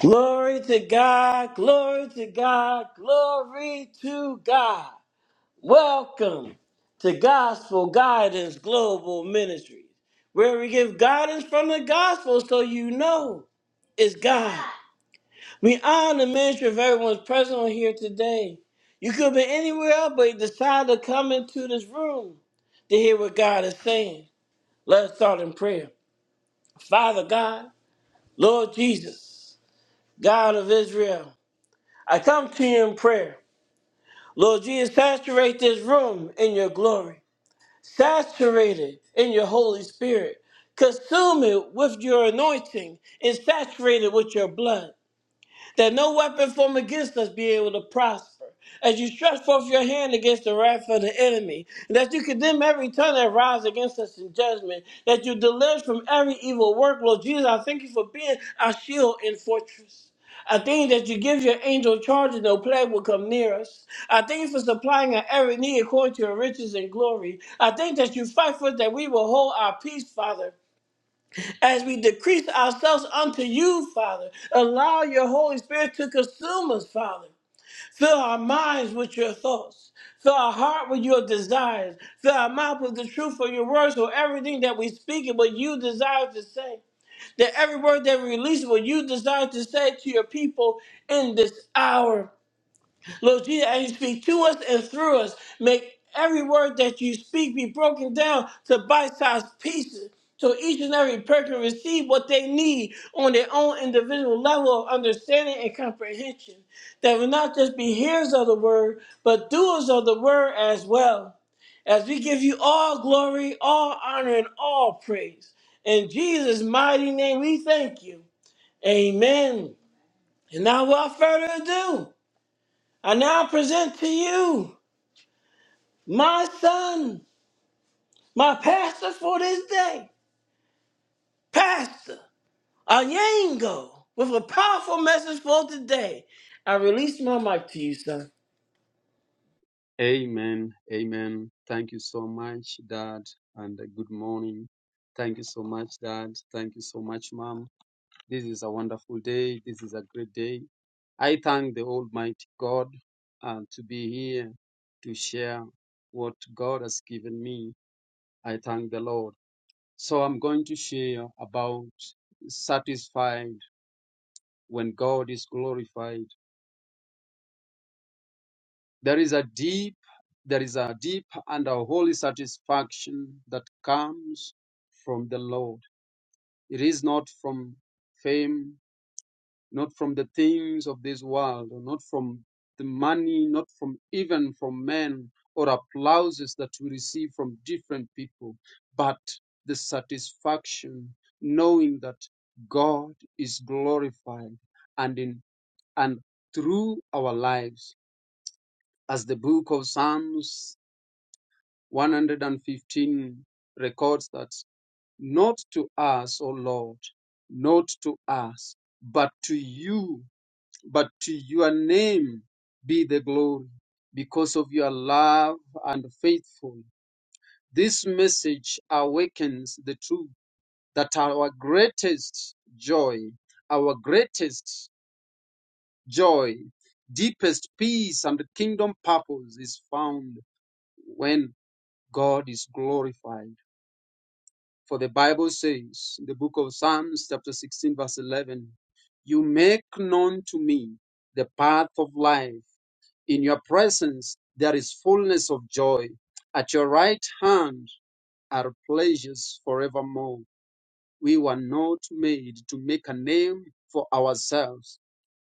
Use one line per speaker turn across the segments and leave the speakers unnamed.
Glory to God, glory to God, glory to God. Welcome to Gospel Guidance Global Ministries, where we give guidance from the gospel so you know it's God. We honor the ministry of everyone's present on here today. You could be anywhere else, but you decided to come into this room to hear what God is saying. Let's start in prayer. Father God, Lord Jesus, God of Israel. I come to you in prayer. Lord Jesus, saturate this room in your glory. Saturate it in your Holy Spirit. Consume it with your anointing and saturate it with your blood that no weapon formed against us be able to prosper. As you stretch forth your hand against the wrath of the enemy, and that you condemn every tongue that rises against us in judgment, that you deliver us from every evil work. Lord Jesus, I thank you for being our shield and fortress. I thank you that you give your angel charge and no plague will come near us. I thank you for supplying our every need according to your riches and glory. I thank that you fight for us that we will hold our peace, Father. As we decrease ourselves unto you, Father, allow your Holy Spirit to consume us, Father. Fill our minds with your thoughts. Fill our heart with your desires. Fill our mouth with the truth of your words, so everything that we speak and what you desire to say. That every word that we release, what you desire to say to your people in this hour. Lord Jesus, as you speak to us and through us, make every word that you speak be broken down to bite-sized pieces so each and every person receive what they need on their own individual level of understanding and comprehension. That will not just be hearers of the word, but doers of the word as well. As we give you all glory, all honor, and all praise. In Jesus' mighty name we thank you. Amen. And now without further ado. I now present to you my son, my pastor for this day, Pastor Anyango, with a powerful message for today. I release my mic to you, son.
Amen. Amen. Thank you so much, Dad, and uh, good morning. Thank you so much, Dad. Thank you so much, Mom. This is a wonderful day. This is a great day. I thank the Almighty God uh, to be here to share what God has given me. I thank the Lord. So I'm going to share about satisfied when God is glorified. There is a deep, there is a deep and a holy satisfaction that comes from the Lord. It is not from fame, not from the things of this world, or not from the money, not from even from men or applauses that we receive from different people, but the satisfaction knowing that God is glorified and in and through our lives as the book of Psalms 115 records that not to us, O Lord, not to us, but to you, but to your name be the glory because of your love and faithful. This message awakens the truth that our greatest joy, our greatest joy, deepest peace and kingdom purpose is found when God is glorified For the Bible says in the book of Psalms, chapter 16, verse 11, You make known to me the path of life. In your presence there is fullness of joy. At your right hand are pleasures forevermore. We were not made to make a name for ourselves,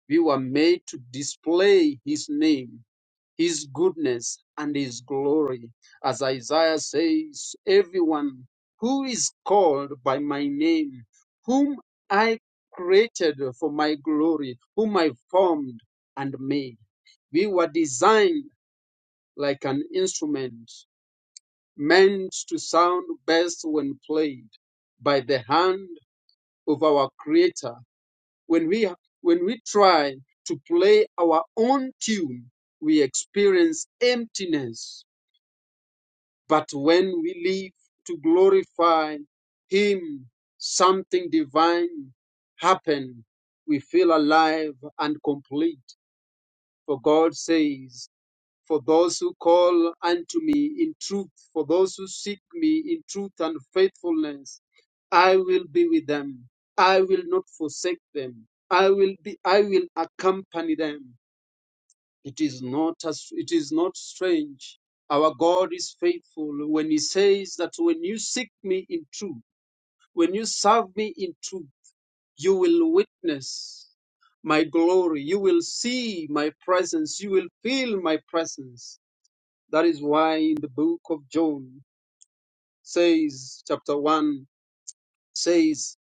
we were made to display his name his goodness and his glory. As Isaiah says, everyone who is called by my name, whom I created for my glory, whom I formed and made. We were designed like an instrument meant to sound best when played by the hand of our creator. When we, when we try to play our own tune, we experience emptiness But when we live to glorify Him, something divine happen. We feel alive and complete. For God says, For those who call unto me in truth, for those who seek me in truth and faithfulness, I will be with them. I will not forsake them. I will be I will accompany them. It is not as, it is not strange. Our God is faithful when He says that when you seek me in truth, when you serve me in truth, you will witness my glory. You will see my presence. You will feel my presence. That is why in the book of John says, chapter 1 says,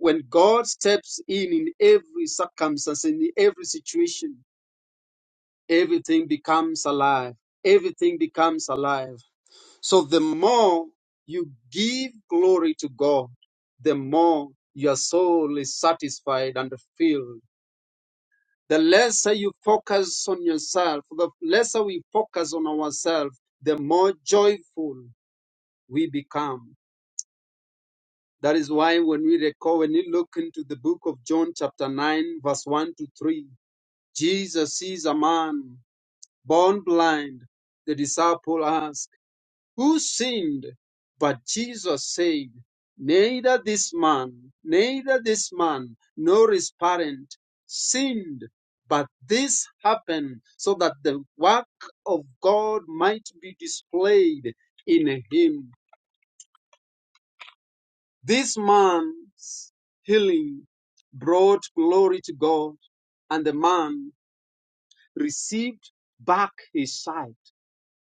when God steps in in every circumstance, in every situation, everything becomes alive. Everything becomes alive. So the more you give glory to God, the more your soul is satisfied and filled. The lesser you focus on yourself, the lesser we focus on ourselves, the more joyful we become. That is why when we recall, when we look into the book of John, chapter 9, verse 1 to 3, Jesus sees a man born blind. The disciple asks. who sinned? But Jesus said, Neither this man, neither this man, nor his parent sinned, but this happened so that the work of God might be displayed in him. This man's healing brought glory to God, and the man received back his sight.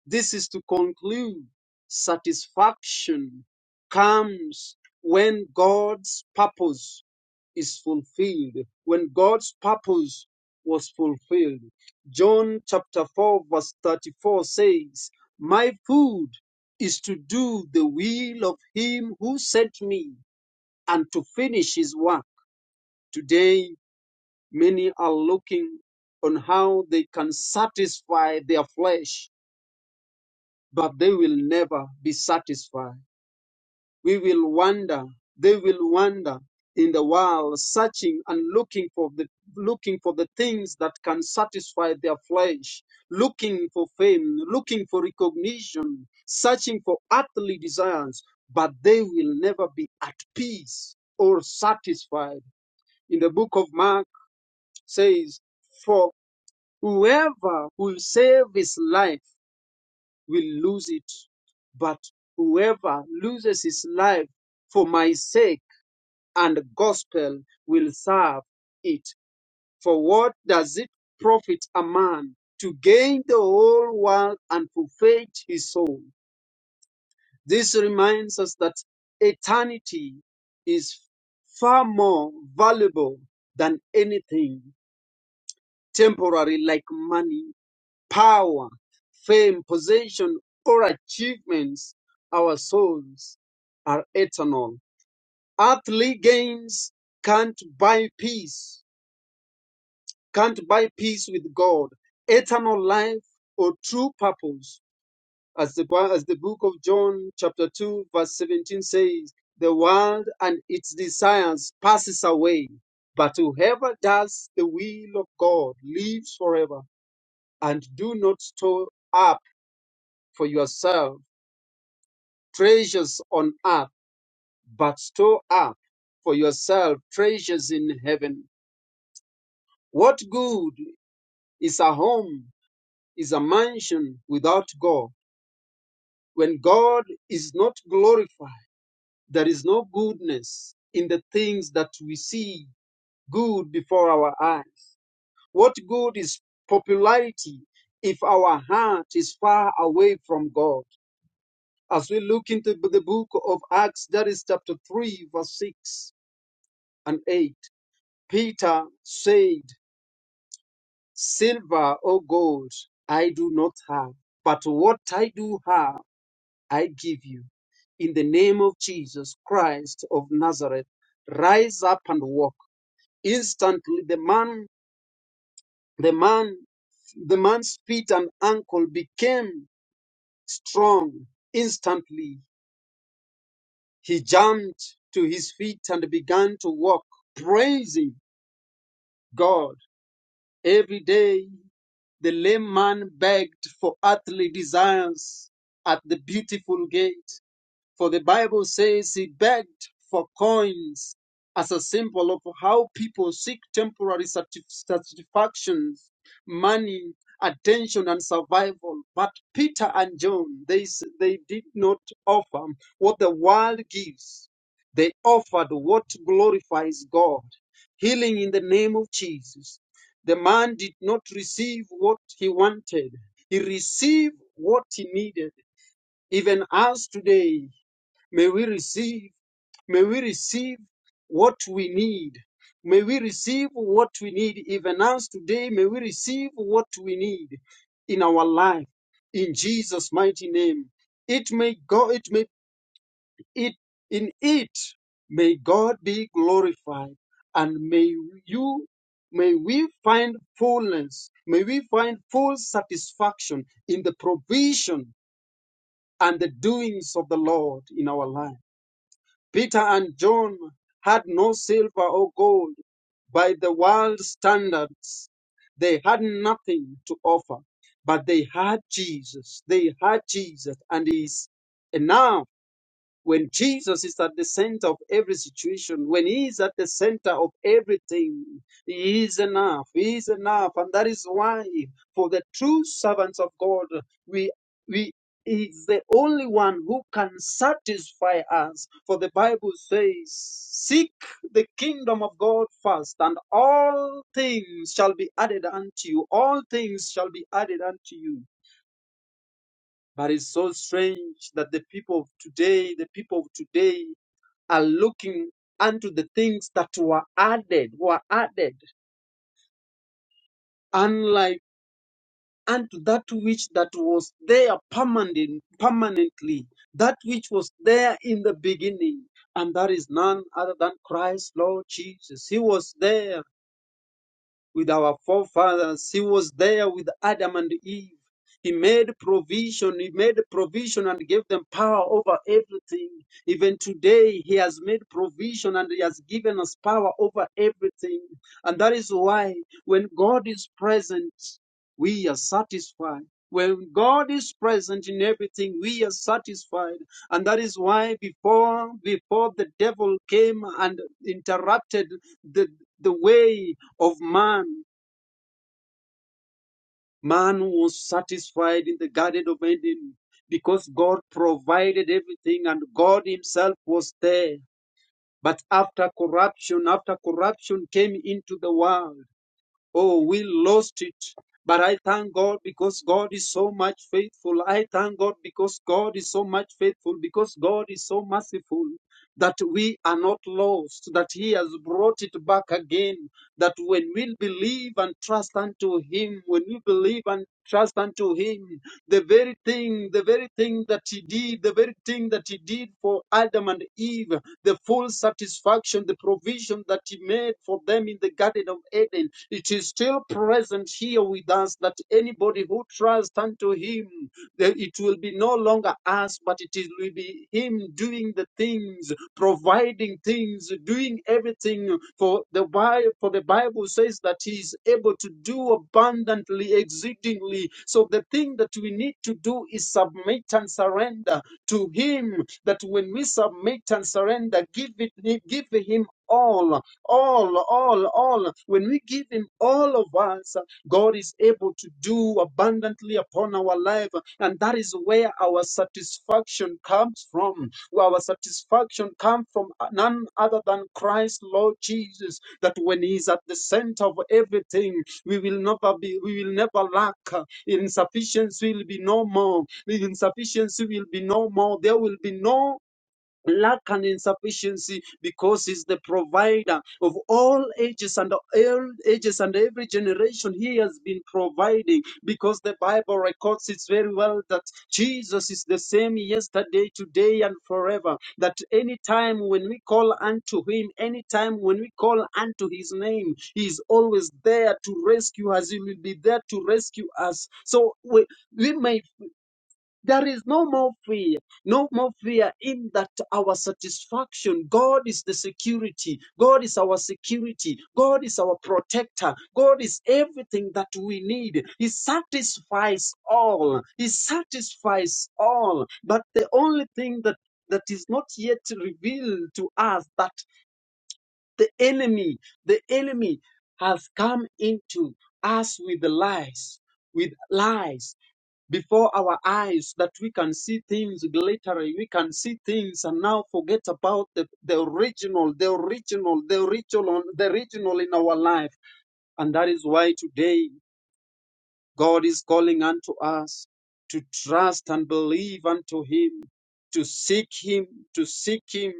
This is to conclude satisfaction comes when God's purpose is fulfilled. When God's purpose was fulfilled. John chapter 4, verse 34 says, My food is to do the will of him who sent me and to finish his work. Today, many are looking on how they can satisfy their flesh but they will never be satisfied. We will wander, they will wander in the world, searching and looking for the looking for the things that can satisfy their flesh, looking for fame, looking for recognition, searching for earthly desires, but they will never be at peace or satisfied. In the book of Mark says, For whoever will save his life will lose it, but whoever loses his life for my sake and gospel will serve it. For what does it profit a man to gain the whole world and forfeit his soul? This reminds us that eternity is far more valuable than anything temporary like money power, fame, possession, or achievements, our souls are eternal. Earthly gains can't buy peace, can't buy peace with God, eternal life, or true purpose. As the, Bi- as the book of John, chapter 2, verse 17 says, the world and its desires passes away, but whoever does the will of God lives forever. And do not store up for yourself treasures on earth, but store up for yourself treasures in heaven. What good is a home, is a mansion without God? When God is not glorified, there is no goodness in the things that we see good before our eyes. What good is popularity if our heart is far away from God? As we look into the book of Acts, that is chapter 3, verse 6 and 8. Peter said, Silver or gold I do not have, but what I do have, I give you. In the name of Jesus Christ of Nazareth, rise up and walk. Instantly the man, the man, the man's feet and ankle became strong. Instantly he jumped to his feet and began to walk, praising God every day. The lame man begged for earthly desires at the beautiful gate. For the Bible says he begged for coins as a symbol of how people seek temporary satisf- satisfactions, money, attention, and survival. But Peter and John, they, s- they did not offer what the world gives. They offered what glorifies God, healing in the name of Jesus. The man did not receive what he wanted. He received what he needed even us today. May we receive, may we receive what we need. May we receive what we need. Even us today, may we receive what we need in our life. In Jesus' mighty name. It may go, it may it in it may God be glorified. And may you may we find fullness, may we find full satisfaction in the provision and the doings of the Lord in our life. Peter and John had no silver or gold by the world's standards. They had nothing to offer, but they had Jesus. They had Jesus, and He's enough. When Jesus is at the center of every situation, when He is at the center of everything, He is enough. He is enough. And that is why, for the true servants of God, we, we, He is the only one who can satisfy us. For the Bible says, Seek the kingdom of God first, and all things shall be added unto you. All things shall be added unto you. But it's so strange that the people of today, the people of today are looking unto the things that were added, were added, unlike unto that which that was there permanent, permanently, that which was there in the beginning. And that is none other than Christ, Lord Jesus. He was there with our forefathers. He was there with Adam and Eve. He made provision. He made provision and gave them power over everything. Even today, He has made provision and He has given us power over everything. And that is why when God is present, we are satisfied. When God is present in everything, we are satisfied. And that is why before before the devil came and interrupted the the way of man, man was satisfied in the Garden of Eden because God provided everything and God Himself was there. But after corruption, after corruption came into the world. Oh, we lost it. But I thank God because God is so much faithful. I thank God because God is so much faithful, because God is so merciful that we are not lost, that He has brought it back again. That when we believe and trust unto Him, when we believe and trust unto Him, the very thing, the very thing that he did, the very thing that he did for Adam and Eve, the full satisfaction, the provision that he made for them in the Garden of Eden, it is still present here with us that anybody who trusts unto him that it will be no longer us, but it is, will be Him doing the things, providing things, doing everything. For the Bible, for the Bible says that He is able to do abundantly, exceedingly. So the thing that we need to do is submit and surrender to Him. That when we submit and surrender, give it, give Him all, all, all, all. When we give Him all of us, God is able to do abundantly upon our life. And that is where our satisfaction comes from. Our satisfaction comes from none other than Christ, Lord Jesus, that when He is at the center of everything, we will never be, we will never lack. Insufficiency will be no more. Insufficiency will be no more. There will be no lack and insufficiency because he's the provider of all ages and all ages and every generation he has been providing because the bible records it very well that jesus is the same yesterday today and forever that any time when we call unto him any time when we call unto his name he is always there to rescue us he will be there to rescue us so we, we may there is no more fear, no more fear in that our satisfaction. God is the security. God is our security. God is our protector. God is everything that we need. He satisfies all. He satisfies all. But the only thing that that is not yet revealed to us that the enemy, the enemy has come into us with lies, with lies before our eyes that we can see things glittery, we can see things and now forget about the, the original, the original, the original, the original in our life. And that is why today God is calling unto us to trust and believe unto Him, to seek Him, to seek Him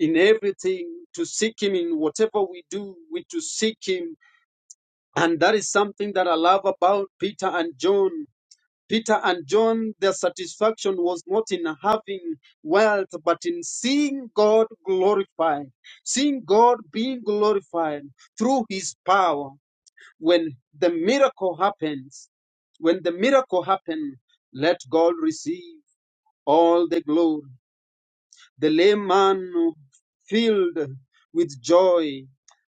in everything, to seek Him in whatever we do, we to seek Him. And that is something that I love about Peter and John. Peter and John, their satisfaction was not in having wealth, but in seeing God glorified, seeing God being glorified through his power. When the miracle happens, when the miracle happens, let God receive all the glory. The layman filled with joy.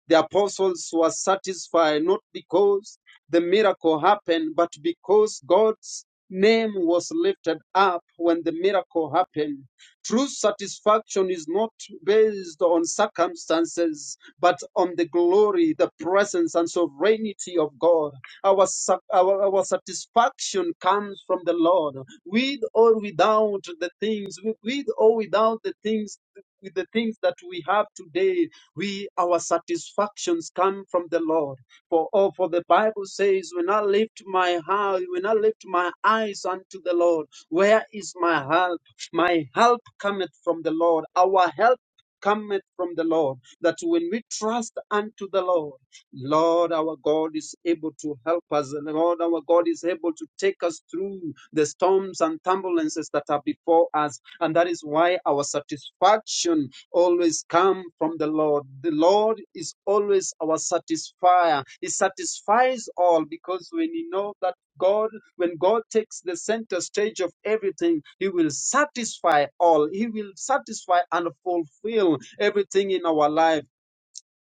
The apostles were satisfied not because the miracle happened, but because God's name was lifted up when the miracle happened. True satisfaction is not based on circumstances, but on the glory, the presence, and sovereignty of God. Our, sa- our, our satisfaction comes from the Lord. With or without the things, with with or without the things, with the things that we have today, we our satisfactions come from the Lord. For oh, for the Bible says, when I lift my heart, when I lift my eyes unto the Lord, where is my help? My help cometh from the Lord. Our help cometh from the Lord. That when we trust unto the Lord Lord, our God is able to help us. and Lord, our God is able to take us through the storms and turbulences that are before us. And that is why our satisfaction always comes from the Lord. The Lord is always our satisfier. He satisfies all because when you know that God, when God takes the center stage of everything, He will satisfy all. He will satisfy and fulfill everything in our life.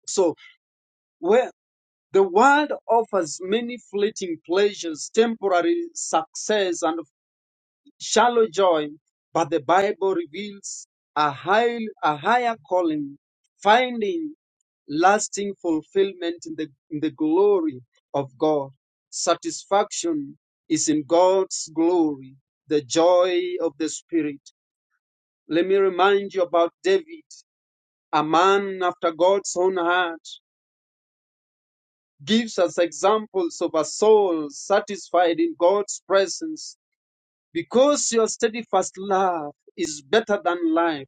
So, where the world offers many fleeting pleasures, temporary success, and shallow joy, but the Bible reveals a, high, a higher calling, finding lasting fulfillment in the, in the glory of God. Satisfaction is in God's glory, the joy of the Spirit. Let me remind you about David, a man after God's own heart. gives us examples of a soul satisfied in God's presence because your steadfast love is better than life.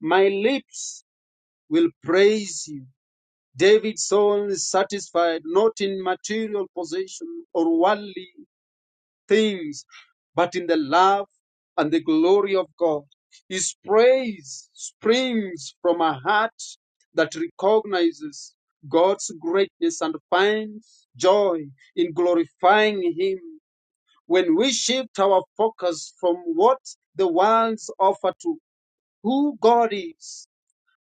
My lips will praise you. David's soul is satisfied not in material possession or worldly things, but in the love and the glory of God. His praise springs from a heart that recognizes God's greatness and finds joy in glorifying Him. When we shift our focus from what the world's offer to who God is,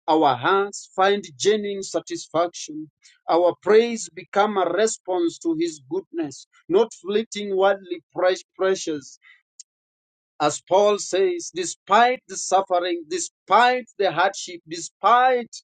our hearts find genuine satisfaction. Our praise become a response to His goodness, not fleeting worldly pres- pressures. As Paul says, despite the suffering, despite the hardship, despite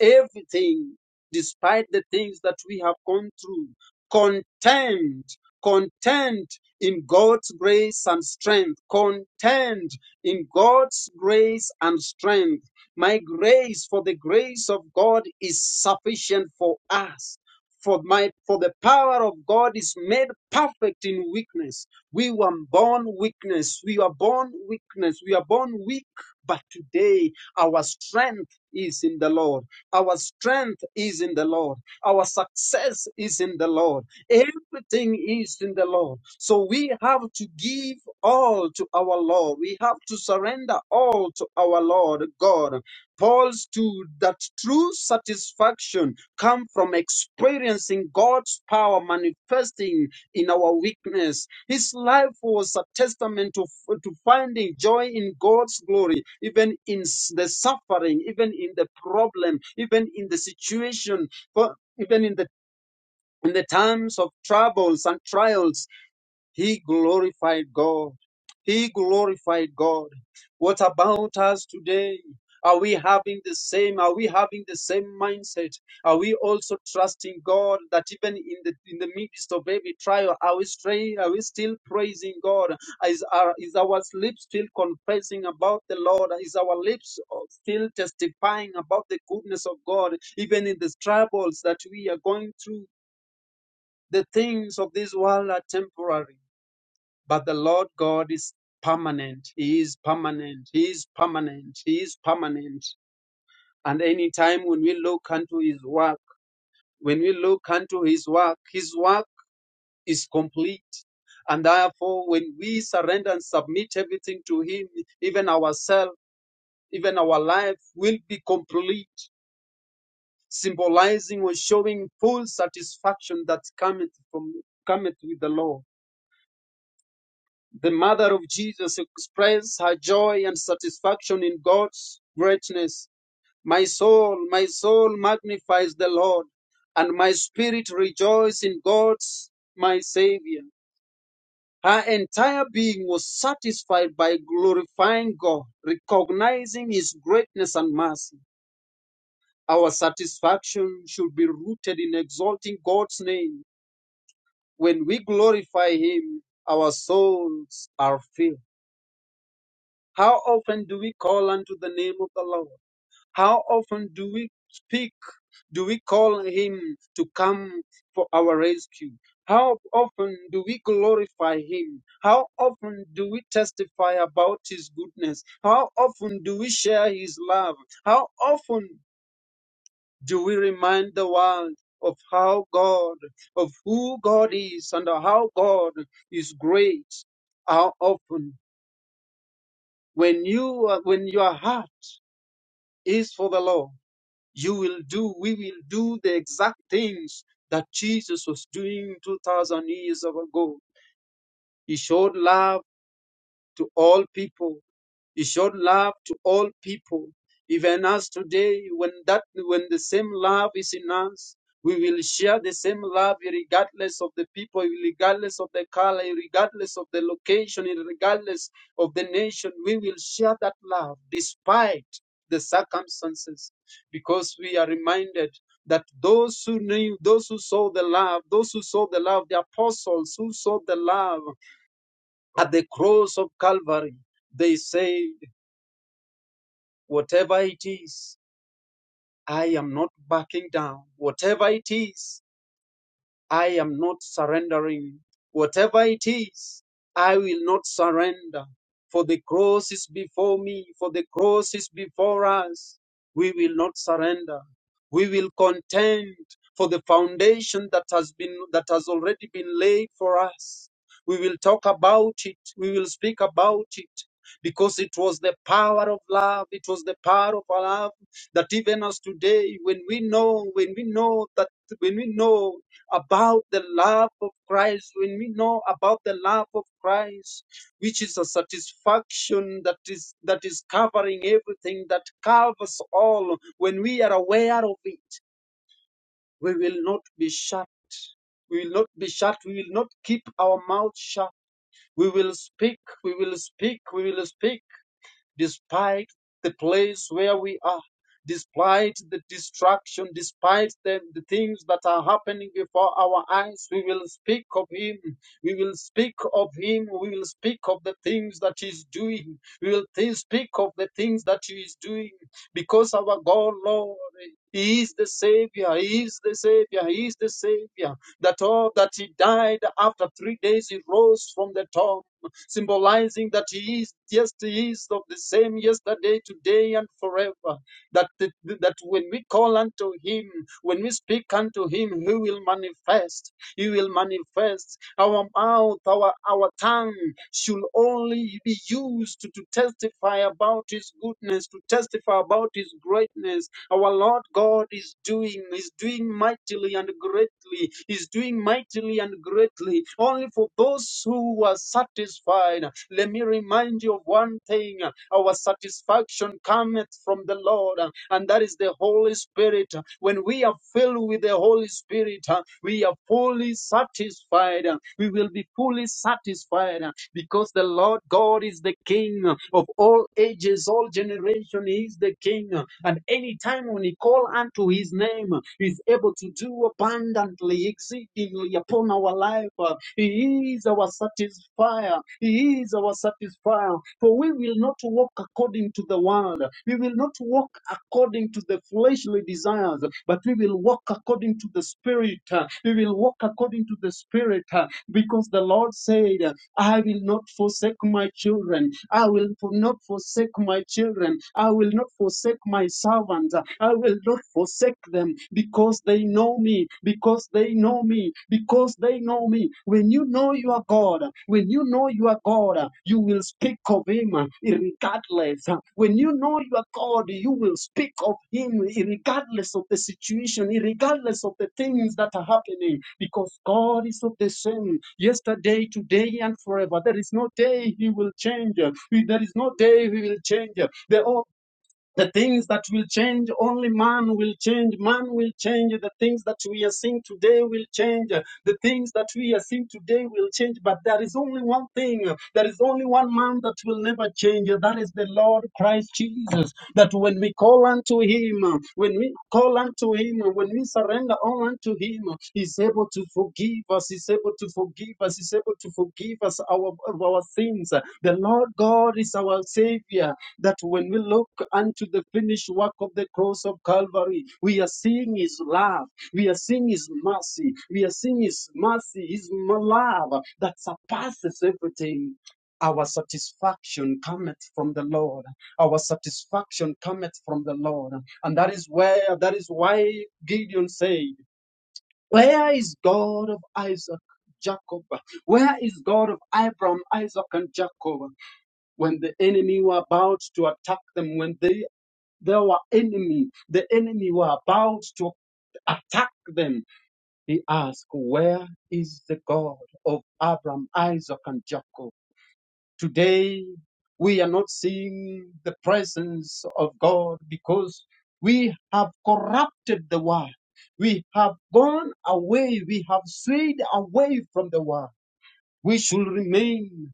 everything, despite the things that we have gone through, content, content in God's grace and strength, content in God's grace and strength. My grace for the grace of God is sufficient for us. For my for the power of God is made perfect in weakness. We were born weakness. We were born weakness. We are born weak. But today, our strength is in the Lord. Our strength is in the Lord. Our success is in the Lord. Everything is in the Lord. So we have to give all to our Lord. We have to surrender all to our Lord God. Paul stood that true satisfaction comes from experiencing God's power manifesting in our weakness. His life was a testament to, to finding joy in God's glory, even in s- the suffering, even in the problem, even in the situation, for- even in the in the times of troubles and trials, he glorified God. He glorified God. What about us today? Are we having the same? Are we having the same mindset? Are we also trusting God that even in the in the midst of every trial, are we stray, are we still praising God? Is our is our lips still confessing about the Lord? Is our lips still testifying about the goodness of God, even in the troubles that we are going through? The things of this world are temporary but the Lord God is permanent. He is permanent. He is permanent. He is permanent. And any time when we look unto his work, when we look unto his work, his work is complete. And therefore, when we surrender and submit everything to him, even ourselves, even our life will be complete, symbolizing or showing full satisfaction that cometh from cometh with the Lord. The mother of Jesus expressed her joy and satisfaction in God's greatness. My soul, my soul magnifies the Lord, and my spirit rejoices in God's my Savior. Her entire being was satisfied by glorifying God, recognizing His greatness and mercy. Our satisfaction should be rooted in exalting God's name. When we glorify Him, our souls are filled. How often do we call unto the name of the Lord? How often do we speak? Do we call him to come for our rescue? How often do we glorify him? How often do we testify about his goodness? How often do we share his love? How often do we remind the world of how God, of who God is and how God is great? How often when you when your heart is for the law. You will do, we will do the exact things that Jesus was doing 2,000 years ago. He showed love to all people. He showed love to all people, even us today. When that, when the same love is in us, we will share the same love regardless of the people, regardless of the color, regardless of the location, regardless of the nation. We will share that love despite the circumstances, because we are reminded that those who knew, those who saw the love, those who saw the love, the apostles who saw the love at the cross of Calvary, they said. Whatever it is, I am not backing down. Whatever it is, I am not surrendering. Whatever it is, I will not surrender. For the cross is before me, for the cross is before us. We will not surrender. We will contend for the foundation that has been that has already been laid for us. We will talk about it. We will speak about it. Because it was the power of love, it was the power of love that even us today, when we know, when we know that when we know about the love of Christ, when we know about the love of Christ, which is a satisfaction that is that is covering everything, that covers all, when we are aware of it, we will not be shut. We will not be shut. We will not keep our mouth shut. We will speak. We will speak. We will speak despite the place where we are, despite the distraction, despite the, the things that are happening before our eyes, we will speak of Him. We will speak of Him. We will speak of the things that He is doing. We will th- speak of the things that He is doing because our God, Lord, He is the Savior. He is the Savior. He is the Savior that all that he died after three days he rose from the tomb, symbolizing that he is, yes, he is of the same yesterday, today, and forever that, that that when we call unto him when we speak unto him he will manifest he will manifest our mouth our our tongue should only be used to, to testify about his goodness to testify about his greatness our lord god is doing is doing mightily and greatly is doing mightily and greatly only for those who are satisfied let me remind remind you of one thing our satisfaction cometh from the Lord, and that is the Holy Spirit. When we are filled with the Holy Spirit, we are fully satisfied. We will be fully satisfied because the Lord God is the King of all ages, all generations. He is the King, and any time when we call unto His name, He is able to do abundantly, exceedingly upon our life helper. He is our satisfier. He is our satisfier. For we will not walk according to the world. We will not walk according to the fleshly desires, but we will walk according to the Spirit. We will walk according to the Spirit because the Lord said, I will not forsake my children. I will for- not forsake my children. I will not forsake my servants. I will not forsake them because they know me, because they know me, because they know me. When you know you are God, when you know you are God, you will speak of Him regardless. When you know you are God, you will speak of Him regardless of the situation, regardless of the things that are happening, because God is of the same yesterday, today, and forever. There is no day He will change. There is no day He will change. The the things that will change, only man will change. Man will change. The things that we are seeing today will change. The things that we are seeing today will change. But there is only one thing. There is only one man that will never change. That is the Lord Christ Jesus. That when we call unto him, when we call unto him, when we surrender all unto him, him. He's able to forgive us. He's able to forgive us. He's able to forgive us our, of our sins. The Lord God is our Savior. That when we look unto the finished work of the cross of Calvary, we are seeing His love. We are seeing His mercy. We are seeing His mercy, His love that surpasses everything. Our satisfaction cometh from the Lord. Our satisfaction cometh from the Lord. And that is where, that is why Gideon said, where is God of Isaac, Jacob? Where is God of Abraham, Isaac, and Jacob? When the enemy were about to attack them, when they they were enemy, the enemy were about to attack them. He asked, Where is the God of Abraham, Isaac, and Jacob? Today, we are not seeing the presence of God because we have corrupted the word. We have gone away. We have strayed away from the word. We should remain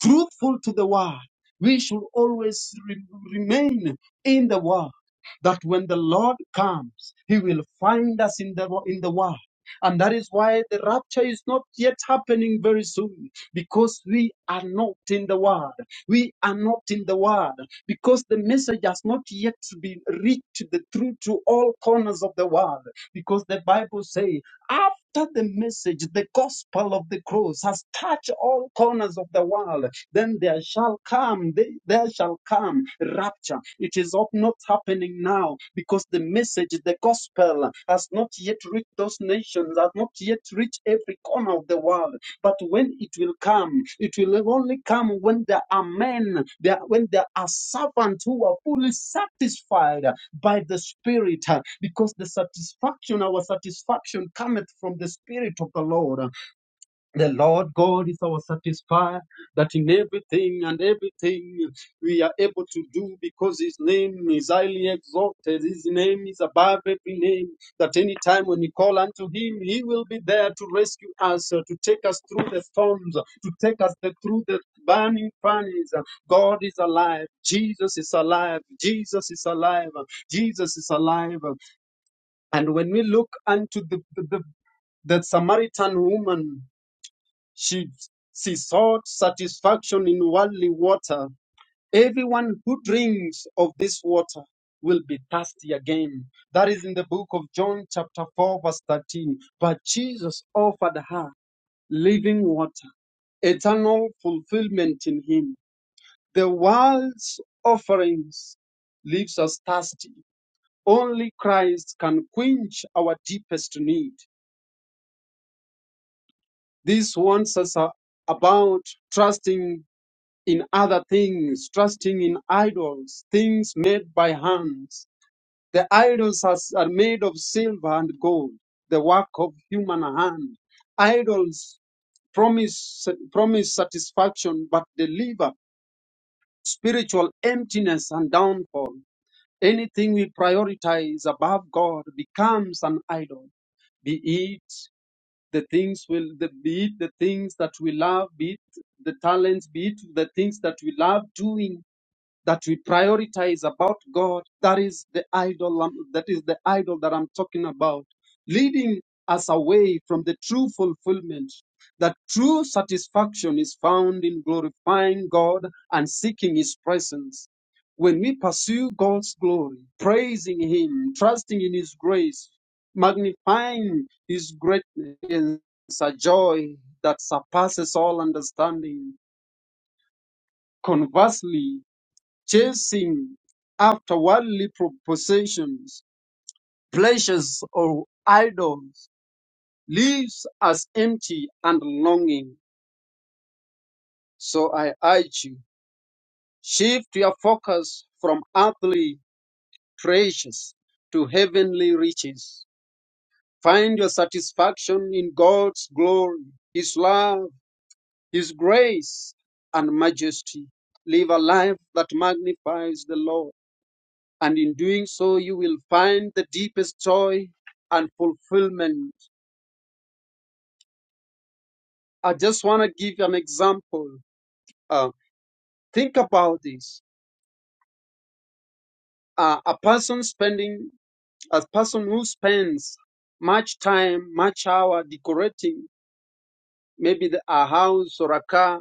fruitful to the word, We should always re- remain in the word. That when the Lord comes, He will find us in the in the word. And that is why the rapture is not yet happening very soon, because we are not in the Word. We are not in the Word, because the message has not yet been reached the, through to all corners of the world. Because the Bible says, after the message, the gospel of the cross has touched all corners of the world, then there shall come, the- there shall come rapture. It is up- not happening now because the message, the gospel, has not yet reached those nations, has not yet reached every corner of the world. But when it will come, it will only come when there are men, there, when there are servants who are fully satisfied by the Spirit, because the satisfaction, our satisfaction cometh from the Spirit of the Lord. The Lord God is our satisfier, that in everything and everything we are able to do because His name is highly exalted. His name is above every name. That any time when we call unto Him, He will be there to rescue us, uh, to take us through the storms, uh, to take us the- through the burning furnace. Uh, God is alive. Jesus is alive. Jesus is alive. Uh, Jesus is alive. Uh, And when we look unto the, the, the the Samaritan woman she, she sought satisfaction in worldly water. Everyone who drinks of this water will be thirsty again. That is in the book of John, chapter 4, verse 13. But Jesus offered her living water, eternal fulfillment in Him. The world's offerings leaves us thirsty. Only Christ can quench our deepest need. This warns us uh, about trusting in other things, trusting in idols, things made by hands. The idols are, are made of silver and gold, the work of human hand. Idols promise, promise satisfaction but deliver spiritual emptiness and downfall. Anything we prioritize above God becomes an idol, be it the things will the, be it the things that we love, be it the talents, be it the things that we love doing that we prioritize about God. That is the idol. I'm- That is the idol that I'm talking about, leading us away from the true fulfillment. That true satisfaction is found in glorifying God and seeking His presence. When we pursue God's glory, praising Him, trusting in His grace, magnifying His greatness, is a joy that surpasses all understanding. Conversely, chasing after worldly possessions, pleasures, or idols leaves us empty and longing. So I urge you, shift your focus from earthly treasures to heavenly riches. Find your satisfaction in God's glory, His love, His grace, and majesty. Live a life that magnifies the Lord and in doing so, you will find the deepest joy and fulfillment. I just want to give an example. Uh, think about this: uh, a person spending, a person who spends much time, much hour decorating maybe the, a house or a car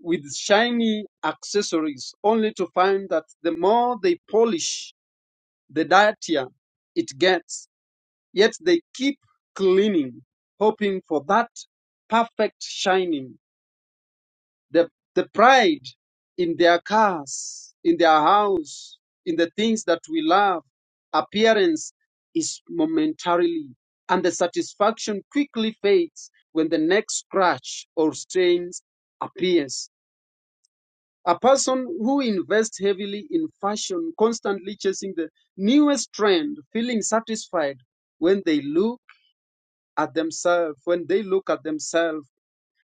with shiny accessories, only to find that the more they polish, the dirtier it gets Yet they keep clinging, hoping for that perfect shining. The, the pride in their cars, in their house, in the things that we love, appearance is momentarily, and the satisfaction quickly fades when the next scratch or stain appears. A person who invests heavily in fashion, constantly chasing the newest trend, feeling satisfied when they look at themselves, when they look at themselves,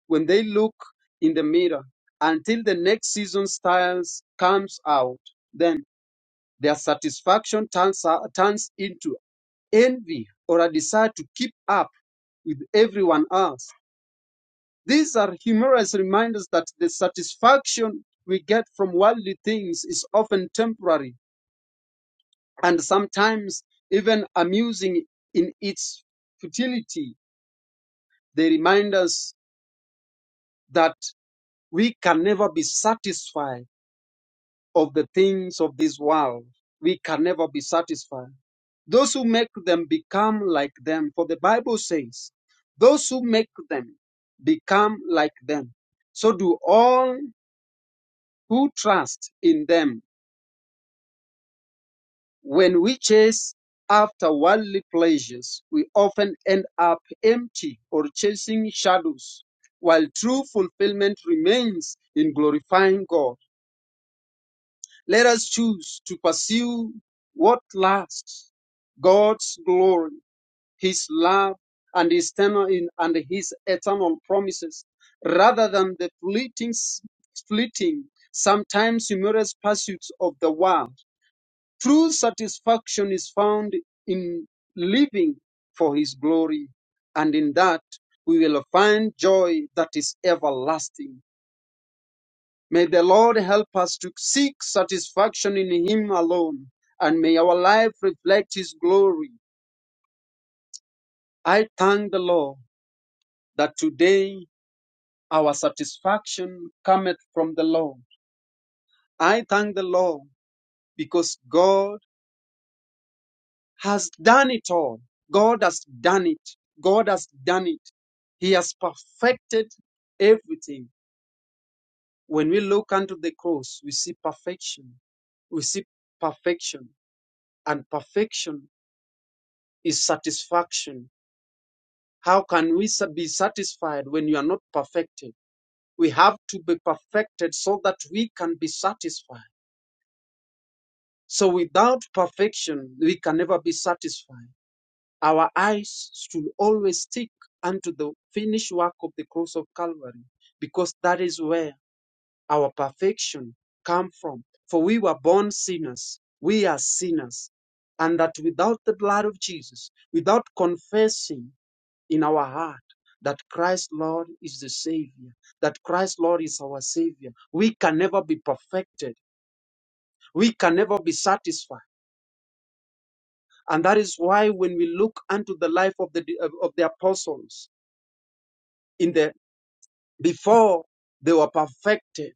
when they look in the mirror, until the next season styles comes out, then their satisfaction turns, out- turns into envy or a desire to keep up with everyone else. These are humorous reminders that the satisfaction we get from worldly things is often temporary and sometimes even amusing in its futility. They remind us that we can never be satisfied of the things of this world. We can never be satisfied. Those who make them become like them, for the Bible says, those who make them become like them. So do all who trust in them. When we chase after worldly pleasures, we often end up empty or chasing shadows, while true fulfillment remains in glorifying God. Let us choose to pursue what lasts God's glory, His love, and His eternal, and His eternal promises, rather than the fleeting, fleeting, sometimes humorous pursuits of the world. True satisfaction is found in living for His glory, and in that we will find joy that is everlasting. May the Lord help us to seek satisfaction in Him alone, and may our life reflect His glory. I thank the Lord that today our satisfaction cometh from the Lord. I thank the Lord because God has done it all. God has done it. God has done it. He has perfected everything. When we look unto the cross, we see perfection. We see perfection and perfection is satisfaction. How can we sa- be satisfied when you are not perfected? We have to be perfected so that we can be satisfied. So without perfection, we can never be satisfied. Our eyes should always stick unto the finished work of the cross of Calvary, because that is where our perfection comes from. For we were born sinners. We are sinners. And that without the blood of Jesus, without confessing in our heart that Christ Lord is the Savior, that Christ Lord is our Savior. We can never be perfected, we can never be satisfied. And that is why when we look unto the life of the of the apostles in the before they were perfected,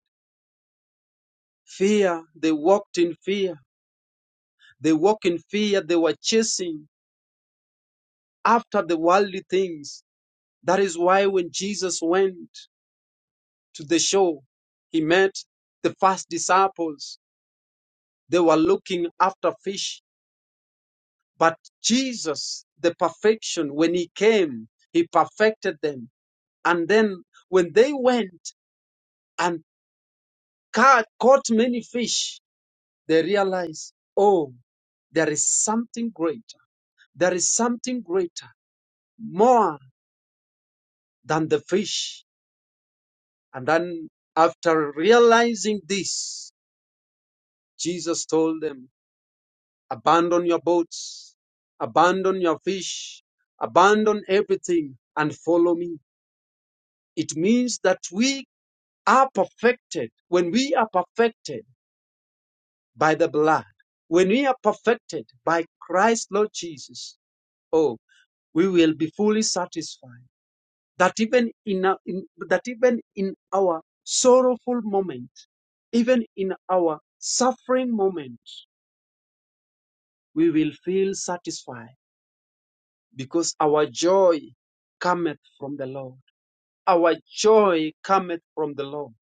fear, they walked in fear, they walk in fear, they were chasing after the worldly things. That is why when Jesus went to the shore, he met the first disciples They were looking after fish. But Jesus, the perfection, when he came, he perfected them. And then when they went and ca- caught many fish, they realized, oh, there is something greater. There is something greater, more than the fish. And then after realizing this, Jesus told them, abandon your boats, abandon your fish, abandon everything and follow me. It means that we are perfected. When we are perfected by the blood, when we are perfected by Christ Lord Jesus, oh, we will be fully satisfied. That even in, our- in that even in our sorrowful moment, even in our suffering moment, we will feel satisfied because our joy cometh from the Lord. Our joy cometh from the Lord.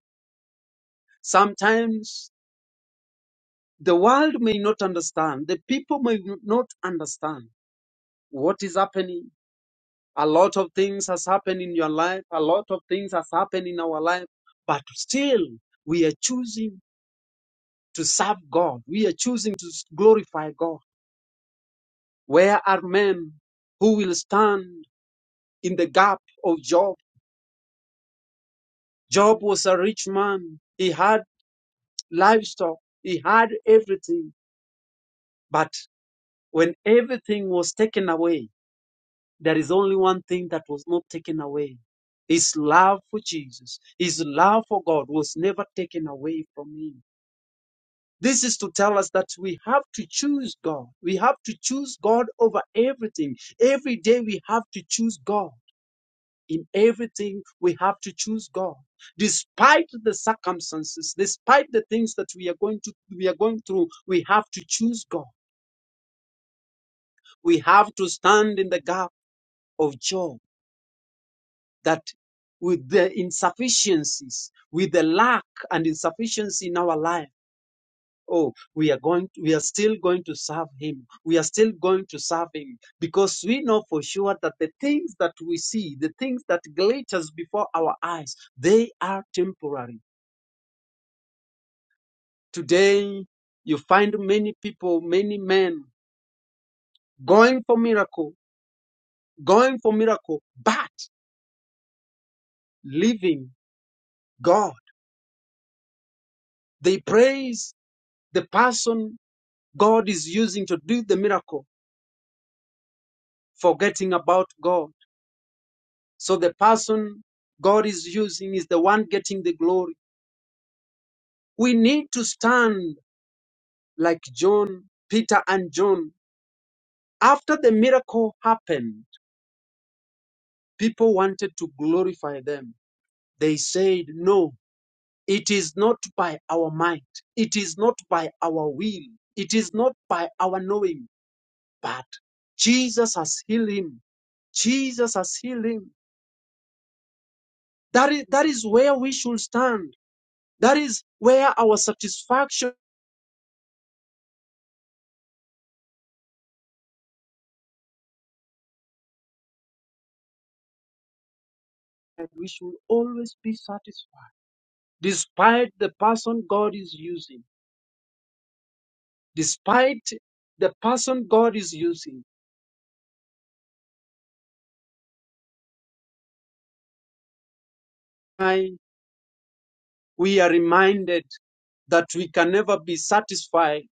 Sometimes The world may not understand. The people may not understand what is happening. A lot of things has happened in your life. A lot of things has happened in our life. But still, we are choosing to serve God. We are choosing to glorify God. Where are men who will stand in the gap of Job? Job was a rich man. He had livestock. He had everything. But when everything was taken away, There is only one thing that was not taken away. His love for Jesus, his love for God was never taken away from him. This is to tell us that we have to choose God. We have to choose God over everything. Every day we have to choose God. In everything we have to choose God. Despite the circumstances, despite the things that we are going to we are going through, we have to choose God. We have to stand in the gap of Job. that with the insufficiencies, with the lack and insufficiency in our life, oh, we are going, we are still going to serve Him. We are still going to serve Him because we know for sure that the things that we see, the things that glitters before our eyes, they are temporary. Today, you find many people, many men going for miracle, going for miracle, but leaving God. They praise the person God is using to do the miracle, forgetting about God. So the person God is using is the one getting the glory. We need to stand like John, Peter, and John. After the miracle happened, people wanted to glorify them. They said, No, it is not by our might, it is not by our will, it is not by our knowing, but Jesus has healed him. Jesus has healed him. That is, that is where we should stand. That is where our satisfaction, we should always be satisfied. Despite the person God is using, despite the person God is using, I, we are reminded that we can never be satisfied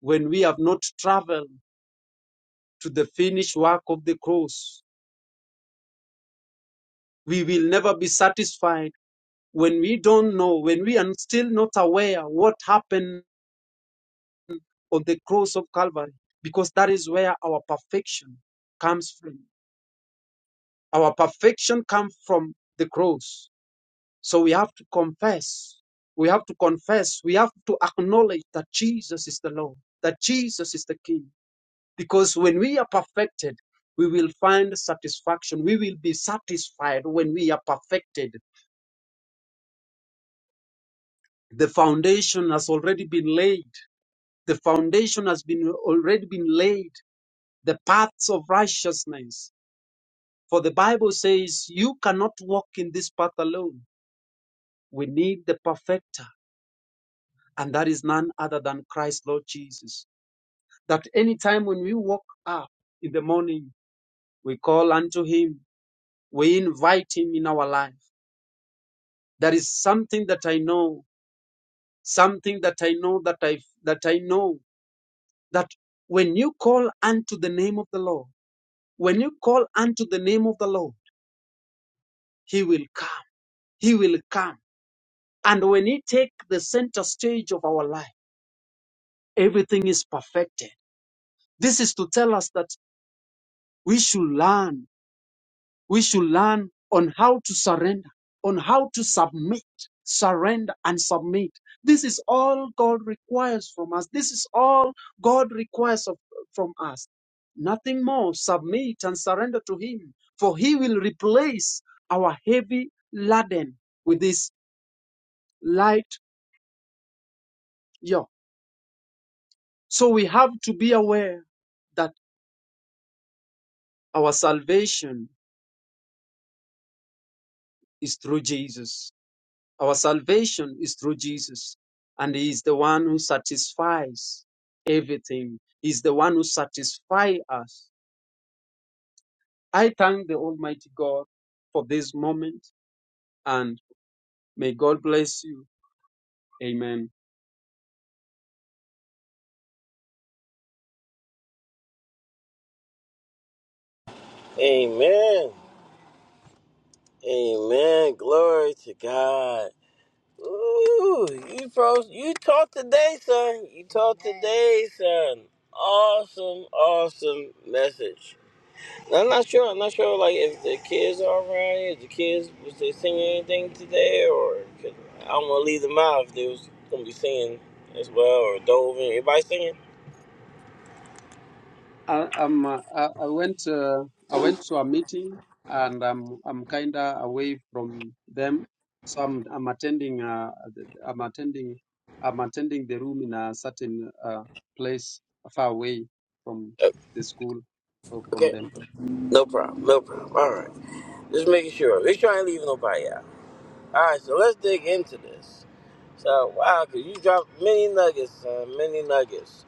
when we have not traveled to the finished work of the cross. We will never be satisfied when we don't know, when we are still not aware what happened on the cross of Calvary because that is where our perfection comes from. Our perfection comes from the cross. So we have to confess. We have to confess. We have to acknowledge that Jesus is the Lord, that Jesus is the King. Because when we are perfected, we will find satisfaction. We will be satisfied when we are perfected. The foundation has already been laid. The foundation has been already been laid. The paths of righteousness For the Bible says, You cannot walk in this path alone. We need the perfecter, and that is none other than Christ, Lord Jesus. That anytime when we walk up in the morning, we call unto him, we invite him in our life. There is something that I know, something that I know that I that I know that when you call unto the name of the Lord, when you call unto the name of the Lord, he will come. He will come. And when he take the center stage of our life, everything is perfected. This is to tell us that we should learn. We should learn on how to surrender, on how to submit, surrender and submit. This is all God requires from us. This is all God requires of, from us. Nothing more. Submit and surrender to Him, for He will replace our heavy laden with His light yoke. So we have to be aware that our salvation is through Jesus Our salvation is through Jesus, and He is the one who satisfies everything. He is the one who satisfies us. I thank the Almighty God for this moment, and may God bless you. Amen.
Amen. Amen. Glory to God. Ooh, you pros, you taught today, son. You taught today, son. Awesome, awesome message. I'm not sure. I'm not sure, like, if the kids are around here, if the kids, was they singing anything today, or, 'cause I don't want to leave them out if they was going to be singing as well, or Dove, and everybody singing?
I, um uh, I, I went uh, I went to a meeting and I'm I'm kinda away from them, so I'm I'm attending uh, th- I'm attending I'm attending the room in a certain uh, place far away from
Uh,
the school or from
Okay,
them.
no problem, no problem. All right, just making sure. We're trying to leave nobody out. All right, so let's dig into this. So, wow, because you dropped many nuggets, son, many nuggets.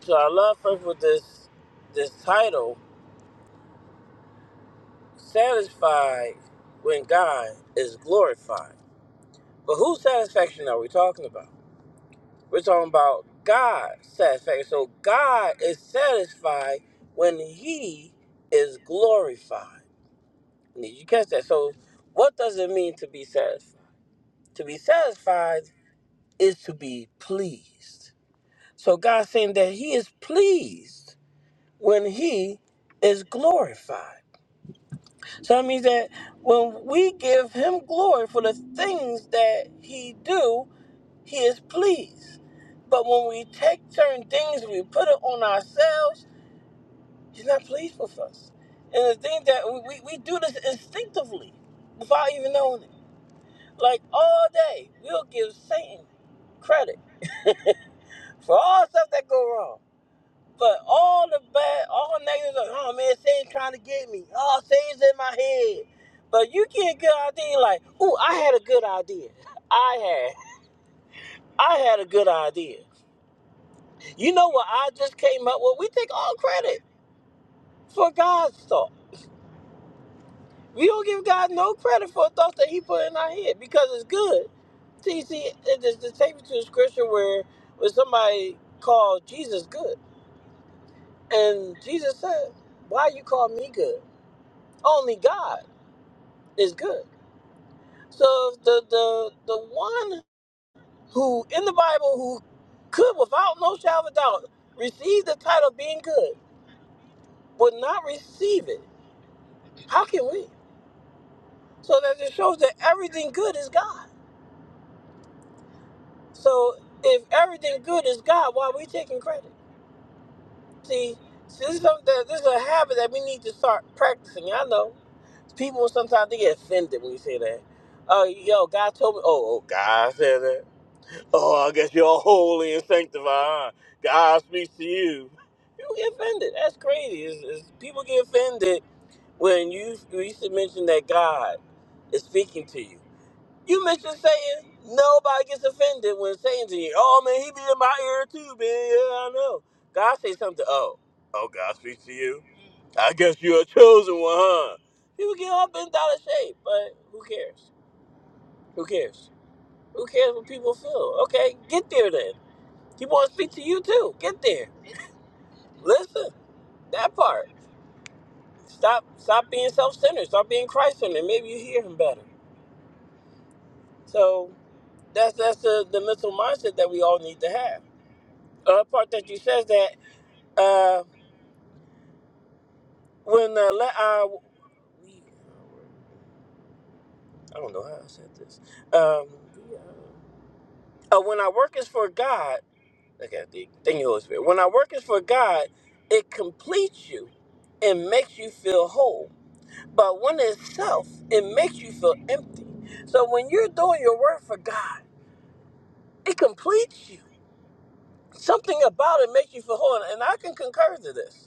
So I love first with this, this title, Satisfied When God Is Glorified. But whose satisfaction are we talking about? We're talking about God's satisfaction. So God is satisfied when He is glorified. Did you catch that? So, what does it mean to be satisfied? To be satisfied is to be pleased. So, God's saying that He is pleased when He is glorified. So that means that when we give Him glory for the things that He do, He is pleased. But when we take certain things, we put it on ourselves, He's not pleased with us. And the thing that we, we, we do this instinctively without even knowing it. Like all day, we'll give Satan credit for all stuff that go wrong. But all the bad, all the negatives, like, oh man, Satan's trying to get me. Oh, Satan's in my head. But you get a good idea, like, ooh, I had a good idea. I had, I had a good idea. You know what I just came up with? We take all credit for God's thought. We don't give God no credit for thoughts that He put in our head because it's good. See, see, it just to take me to a scripture where where somebody called Jesus good, and Jesus said, "Why you call me good? Only God is good." So the the the one who in the Bible who could, without no shadow of a doubt, receive the title of being good, would not receive it. How can we? So that it shows that everything good is God. So if everything good is God, why are we taking credit? See, see, this is something that this is a habit that we need to start practicing. I know people sometimes they get offended when you say that. Oh, yo, God told me. Oh, oh, God said that. Oh, I guess you're all holy and sanctified. huh? God speaks to you. People get offended. That's crazy. It's, it's, people get offended when you when you used mention that God is speaking to you. You mentioned Satan. Nobody gets offended when Satan's in here. Oh man, he be in my ear too, man. Yeah, I know. God say something. Oh, oh, God speaks to you. I guess you're a chosen one, huh? People get all bent out of shape, but who cares? Who cares? Who cares what people feel? Okay, get there then. He wants to speak to you too. Get there. Listen, that part. Stop, stop being self-centered. Stop being Christ-centered. Maybe you hear him better. So that's that's the, the mental mindset that we all need to have uh, part that you says that uh, when uh, let uh, we, I don't know how I said this. Um, uh, when I work is for God, okay, the- thank you, Holy Spirit. When I work is for God, it completes you and makes you feel whole. But when it's self, it makes you feel empty. So when you're doing your work for God, it completes you. Something about it makes you feel whole, and I can concur to this.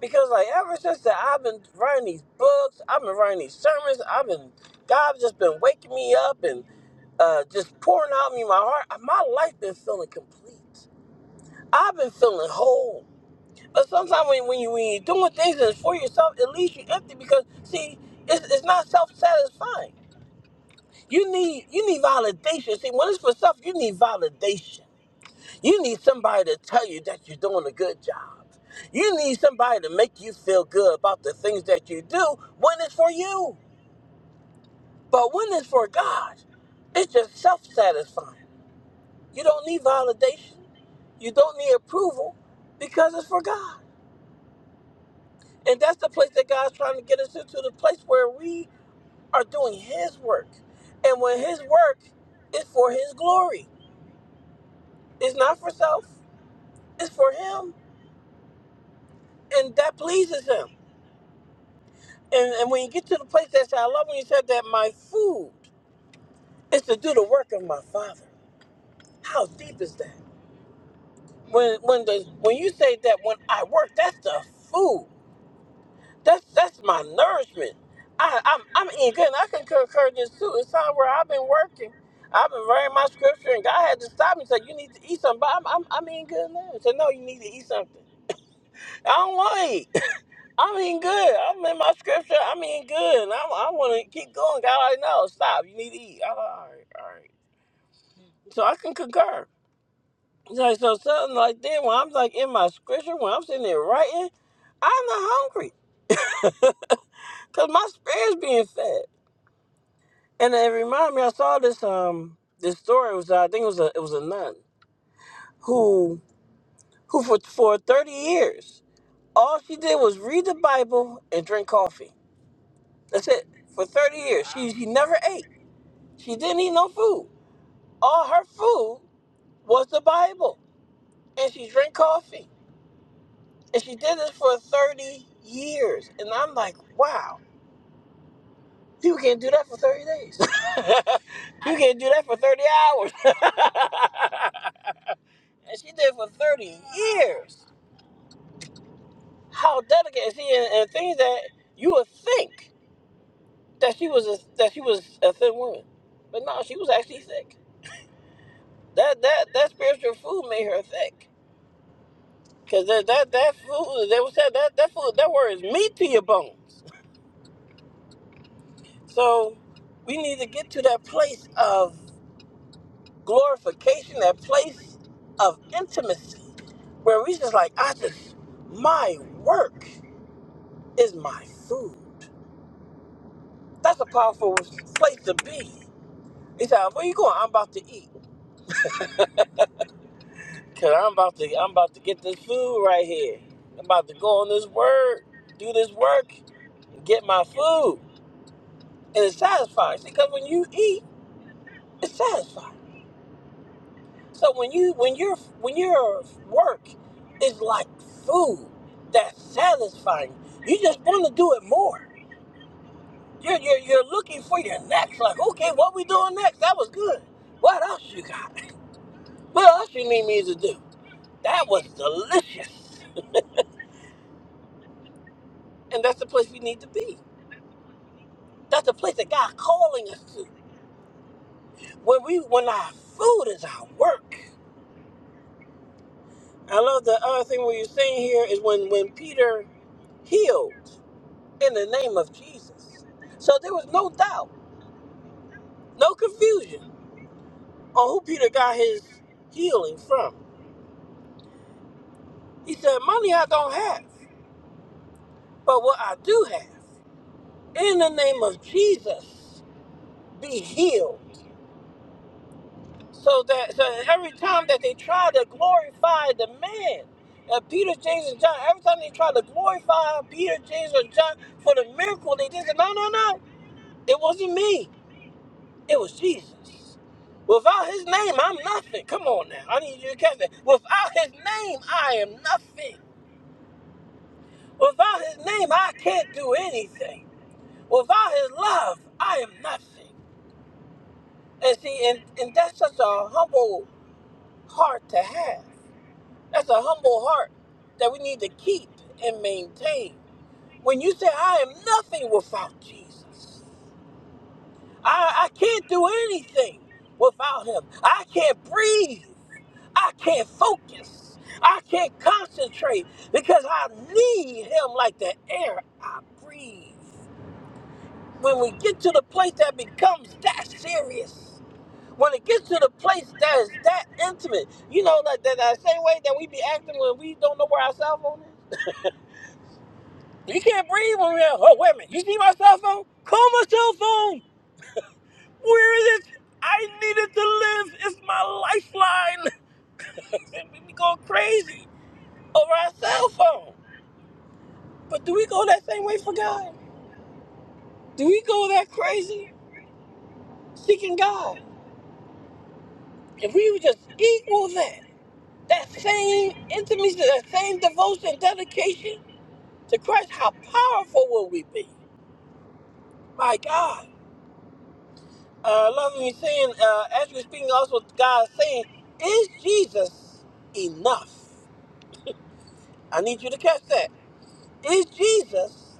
Because like ever since that I've been writing these books, I've been writing these sermons, I've been God's just been waking me up and uh, just pouring out me my heart. uh, My life been feeling complete. I've been feeling whole. But sometimes when, when you when you're doing things that's for yourself, it leaves you empty because see, it's, it's not self satisfying. You need you need validation. See, when it's for self, you need validation. You need somebody to tell you that you're doing a good job. You need somebody to make you feel good about the things that you do when it's for you. But when it's for God, it's just self satisfying. You don't need validation, you don't need approval because it's for God. And that's the place that God's trying to get us into the place where we are doing His work. And when His work is for His glory, it's not for self, it's for Him. And that pleases Him. And, and when you get to the place that said, I love when you said that my food is to do the work of my father. How deep is that? When when the when you say that when I work, that's the food. That's that's my nourishment. I, I'm I'm eating good. And I can concur this too. It's time where I've been working. I've been reading my scripture, and God had to stop me and say, "You need to eat something." But I'm, I'm, I'm eating good now. He said, "No, you need to eat something." I don't want to eat. I'm eating good. I'm in my scripture. I'm eating good. And I'm, I want to keep going. God already knows. Stop. You need to eat. I'm like, all right, all right. So I can concur. It's Like, so something like that, when I'm like in my scripture, when I'm sitting there writing, I'm not hungry because my spirit's being fed. And it reminded me, I saw this um this story. It was uh, I think it was a it was a nun who who for for 30 years all she did was read the Bible and drink coffee. That's it for 30 years. She she never ate. She didn't eat no food. all her food was the Bible, and she drank coffee, and she did this for thirty years. And I'm like, wow, you can't do that for thirty days. you can't do that for thirty hours. and she did it for thirty years. How dedicated she and, and things that you would think that she was a, that she was a thin woman, but no, she was actually thick. That that that spiritual food made her thick. Cause that that that food they was that that that food that word is meat to your bones. So we need to get to that place of glorification, that place of intimacy, where we just like I just my work is my food. That's a powerful place to be. He said, "Where you going? I'm about to eat. Cause I'm about to I'm about to get this food right here. I'm about to go on this word, do this work, get my food, and it's satisfying. See, cause when you eat." It's satisfying. So when you when your when your work is like food that's satisfying, you just want to do it more. You're, you're you're looking for your next. Like, okay, what we doing next? That was good. What else you got? What else you need me to do? That was delicious. And that's the place we need to be. That's the place that God calling us to. When we when our food is our work. I love the other thing where you're saying here is when when Peter healed. in the name of Jesus. So there was no doubt, no confusion on who Peter got his healing from. He said, Money I don't have, but what I do have, in the name of Jesus, be healed. So that so every time that they try to glorify the man, uh, Peter, James, and John, every time they try to glorify Peter, James, or John for the miracle they did, they said, No, no, no, it wasn't me. It was Jesus. Without his name, I'm nothing. Come on now. I need you to catch that. Without his name, I am nothing. Without his name, I can't do anything. Without his love, I am nothing. And see, and, and that's such a humble heart to have. That's a humble heart that we need to keep and maintain. When you say, I am nothing without Jesus, I, I can't do anything without him. I can't breathe. I can't focus. I can't concentrate because I need him like the air I breathe. When we get to the place that becomes that serious, when it gets to the place that is that intimate, you know, like that, that same way that we be acting when we don't know where our cell phone is. You can't breathe when we're, oh, wait a minute, you see my cell phone? Call my cell phone. Where is it? I needed to live. It's my lifeline. we go crazy over our cell phone. But do we go that same way for God? Do we go that crazy seeking God? If we would just equal that, that same intimacy, that same devotion, dedication to Christ, how powerful will we be? My God. Uh, I love me saying, uh, as we're speaking also, God is saying, is Jesus enough? I need you to catch that. Is Jesus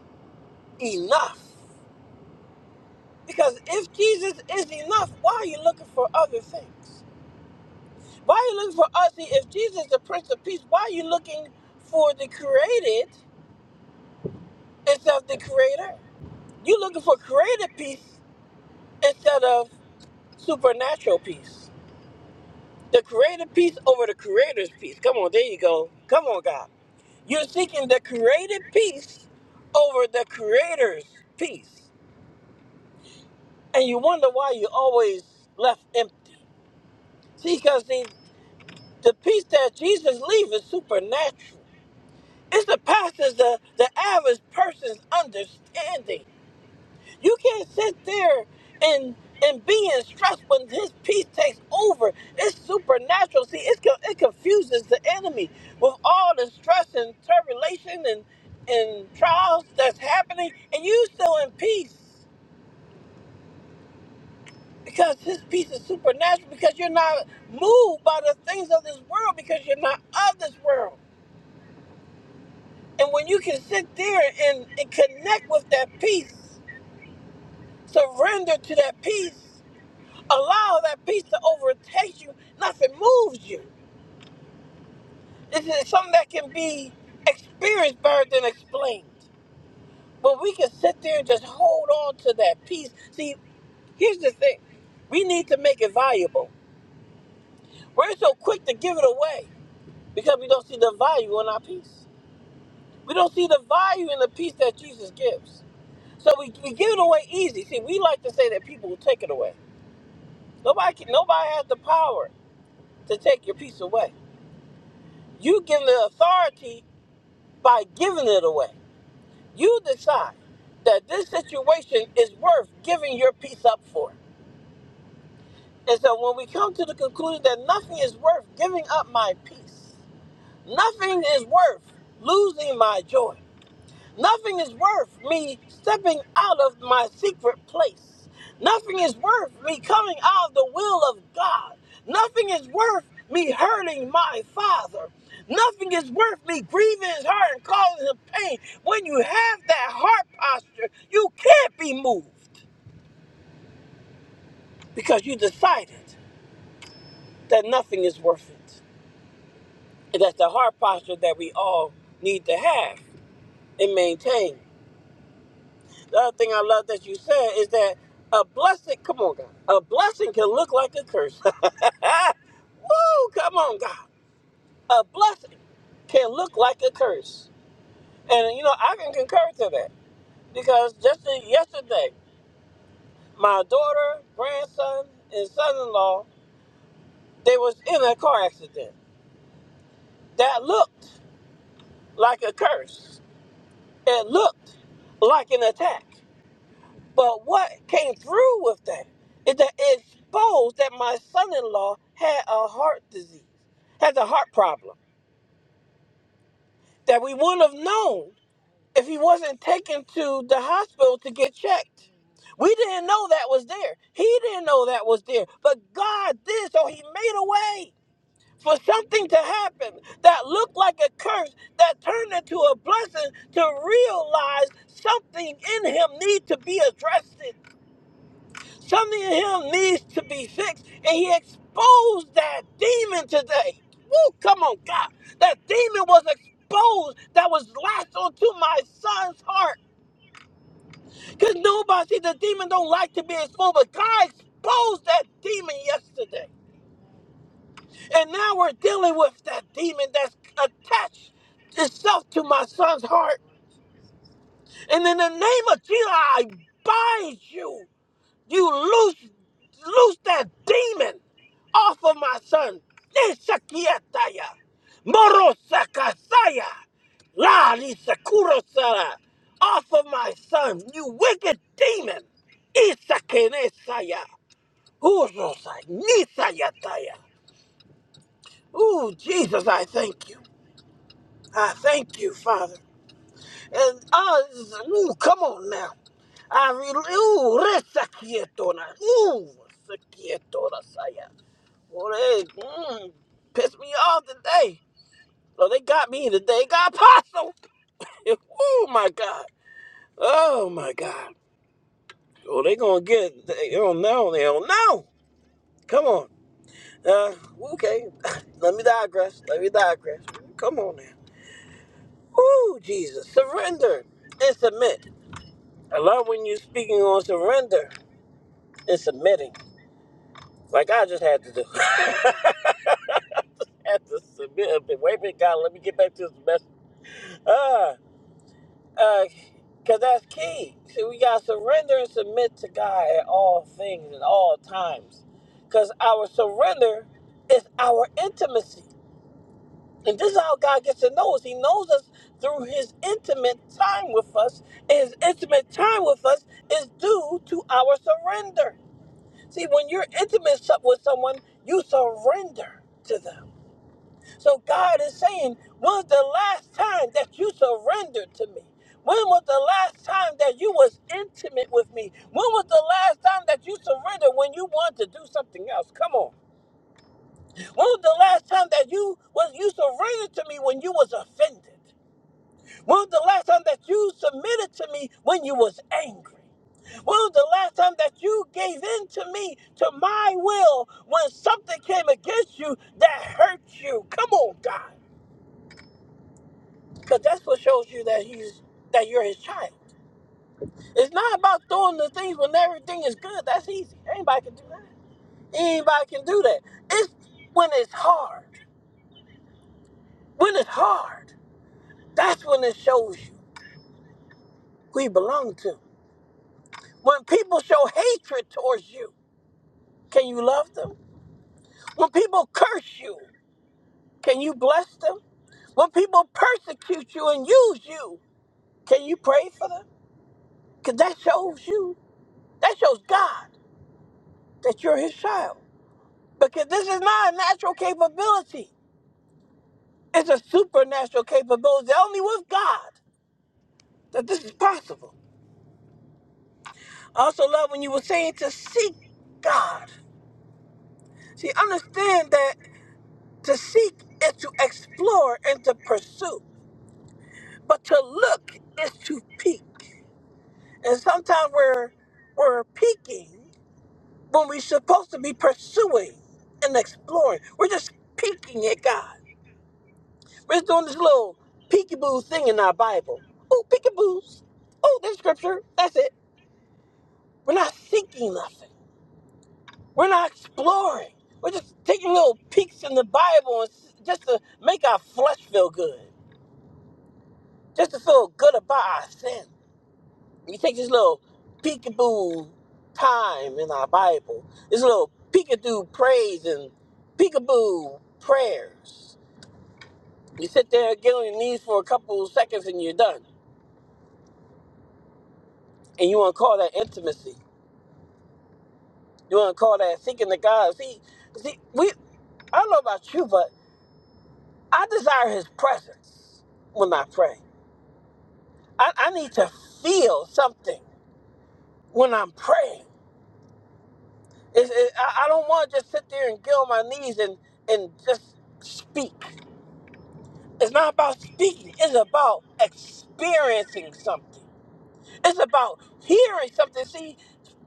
enough? Because if Jesus is enough, why are you looking for other things? Why are you looking for us? See, If Jesus is the Prince of Peace, why are you looking for the created instead of the creator? You're looking for created peace instead of supernatural peace. The created peace over the creator's peace. Come on, there you go. Come on, God. You're seeking the created peace over the creator's peace. And you wonder why you always left empty See, because the, the peace that Jesus leaves is supernatural. It's the surpasses the, the average person's understanding. You can't sit there and and be in stress when his peace takes over. It's supernatural. See, it's, co- it confuses the enemy with all the stress and tribulation and, and trials that's happening, and you still in peace because his peace is supernatural because you're not moved by the things of this world because you're not of this world. And when you can sit there and, and connect with that peace, surrender to that peace, allow that peace to overtake you, nothing moves you. This is something that can be experienced better than explained. But we can sit there and just hold on to that peace. See, here's the thing we need to make it valuable. We're so quick to give it away because we don't see the value in our peace. We don't see the value in the peace that Jesus gives. So we, we give it away easy. See, we like to say that people will take it away. Nobody can, nobody has the power to take your peace away. You give the authority by giving it away. You decide that this situation is worth giving your peace up for. And so when we come to the conclusion that nothing is worth giving up my peace, nothing is worth losing my joy, Nothing is worth me stepping out of my secret place. Nothing is worth me coming out of the will of God. Nothing is worth me hurting my father. Nothing is worth me grieving his heart and causing him pain. When you have that heart posture, you can't be moved because you decided that nothing is worth it. And that's the heart posture that we all need to have and maintain. The other thing I love that you said is that a blessing, come on, God, a blessing can look like a curse. Woo, come on, God. A blessing can look like a curse. And, you know, I can concur to that because just yesterday, my daughter, grandson, and son in law, they was in a car accident. That looked like a curse. It looked like an attack. But what came through with that is that it exposed that my son-in-law had a heart disease, has a heart problem that we wouldn't have known if he wasn't taken to the hospital to get checked. We didn't know that was there. He didn't know that was there. But God did, so he made a way for something to happen that looked like a curse that turned into a blessing to realize something in him need to be addressed Something in him needs to be fixed, and he exposed that demon today. Woo, come on, God. That demon was exposed that was latched onto my son's heart. Because nobody, see, the demon don't like to be exposed, but God exposed that demon yesterday. And now we're dealing with that demon that's attached itself to my son's heart. And in the name of Jesus, I bind you. You loose, loose that demon off of my son. Nishakiataya, Morosakasaya, La Nisakurosara, off of my son, you wicked demon. Isakenesaya, Urosai, Nisayataya. Ooh, Jesus, I thank you. I thank you, Father. And uh, ooh, come on now. I re- ooh, resakietona, ooh, sakietona Well, they mm, pissed me off today. So they got me today. They Got Apostle. oh my God. Oh my God. Well, they gonna get. it. They don't know. They don't know. Come on. Uh, okay. Let me digress. Let me digress. Come on now. Woo, Jesus. Surrender and submit. I love when you're speaking on surrender and submitting, like I just had to do. had to submit a bit. Wait a minute, God. Let me get back to this message. Ah. because that's key. See, we got to surrender and submit to God at all things and all times. Because our surrender is our intimacy. And this is how God gets to know us. He knows us through his intimate time with us. And his intimate time with us is due to our surrender. See, when you're intimate so- with someone, you surrender to them. So God is saying, when's the last time that you surrendered to me? When was the last time that you was intimate with me? When was the last time that you surrendered when you wanted to do something else? Come on. When was the last time that you was you surrendered to me when you was offended? When was the last time that you submitted to me when you was angry? When was the last time that you gave in to me, to my will, when something came against you that hurt you? Come on, God. Because that's what shows you that he's that you're his child. It's not about doing the things when everything is good. That's easy. Anybody can do that. Anybody can do that. It's when it's hard. When it's hard, that's when it shows you who you belong to. When people show hatred towards you, can you love them? When people curse you, can you bless them? When people persecute you and use you, can you pray for them? Because that shows you, that shows God that you're his child. Because this is not a natural capability. It's a supernatural capability. Only with God that this is possible. I also love when you were saying to seek God. See, understand that to seek is to explore and to pursue. But to look is to peek. And sometimes we're we're peeking when we're supposed to be pursuing and exploring. We're just peeking at God. It's doing this little peekaboo thing in our Bible. Oh, peekaboos. Oh, there's scripture. That's it. We're not seeking nothing. We're not exploring. We're just taking little peeks in the Bible and s- just to make our flesh feel good, just to feel good about our sin. We take this little peekaboo time in our Bible, this little peekaboo praise and peekaboo prayers. You sit there, get on your knees for a couple seconds, and you're done. And you want to call that intimacy. You want to call that seeking the God? See, see, we. I don't know about you, but I desire His presence when I pray. I, I need to feel something when I'm praying. It's, it, I, I don't want to just sit there and get on my knees and and just speak. It's not about speaking. It's about experiencing something. It's about hearing something. See,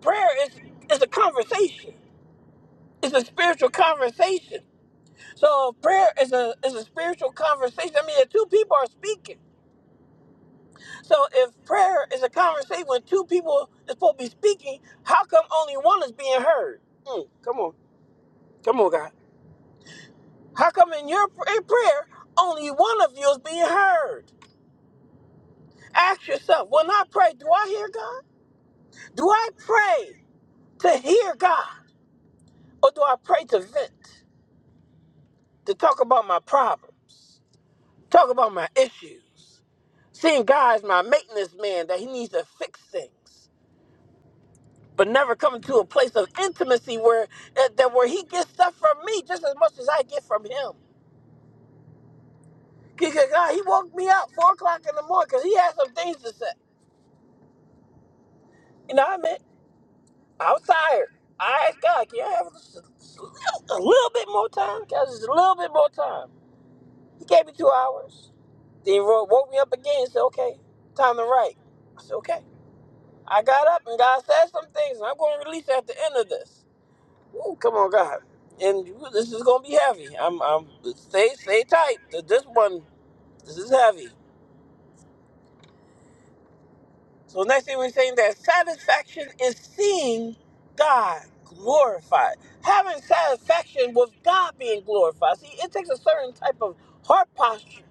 prayer is is a conversation. It's a spiritual conversation. So prayer is a is a spiritual conversation. I mean, if two people are speaking. So if prayer is a conversation when two people is supposed to be speaking, how come only one is being heard? Mm, come on, come on, God. How come in your pr- in prayer only one of you is being heard? Ask yourself: When I pray, do I hear God? Do I pray to hear God, or do I pray to vent, to talk about my problems, talk about my issues? Seeing God as my maintenance man, that He needs to fix things, but never coming to a place of intimacy where that, that where He gets stuff from me just as much as I get from Him. Because God, He woke me up four o'clock in the morning because He had some things to say. You know what I mean? I was tired. I asked God, can I have just a, just a little a little bit more time? Can I have just a little bit more time? He gave me two hours. Then he wo- woke me up again and said, okay, time to write. I said, okay. I got up and God said some things, and I'm going to release at the end of this. Ooh, come on, God. And you- this is gonna be heavy. I'm, I'm stay, stay tight. Th- This one, this is heavy. So next thing we're saying that satisfaction is seeing God glorified, having satisfaction with God being glorified. See, it takes a certain type of heart posture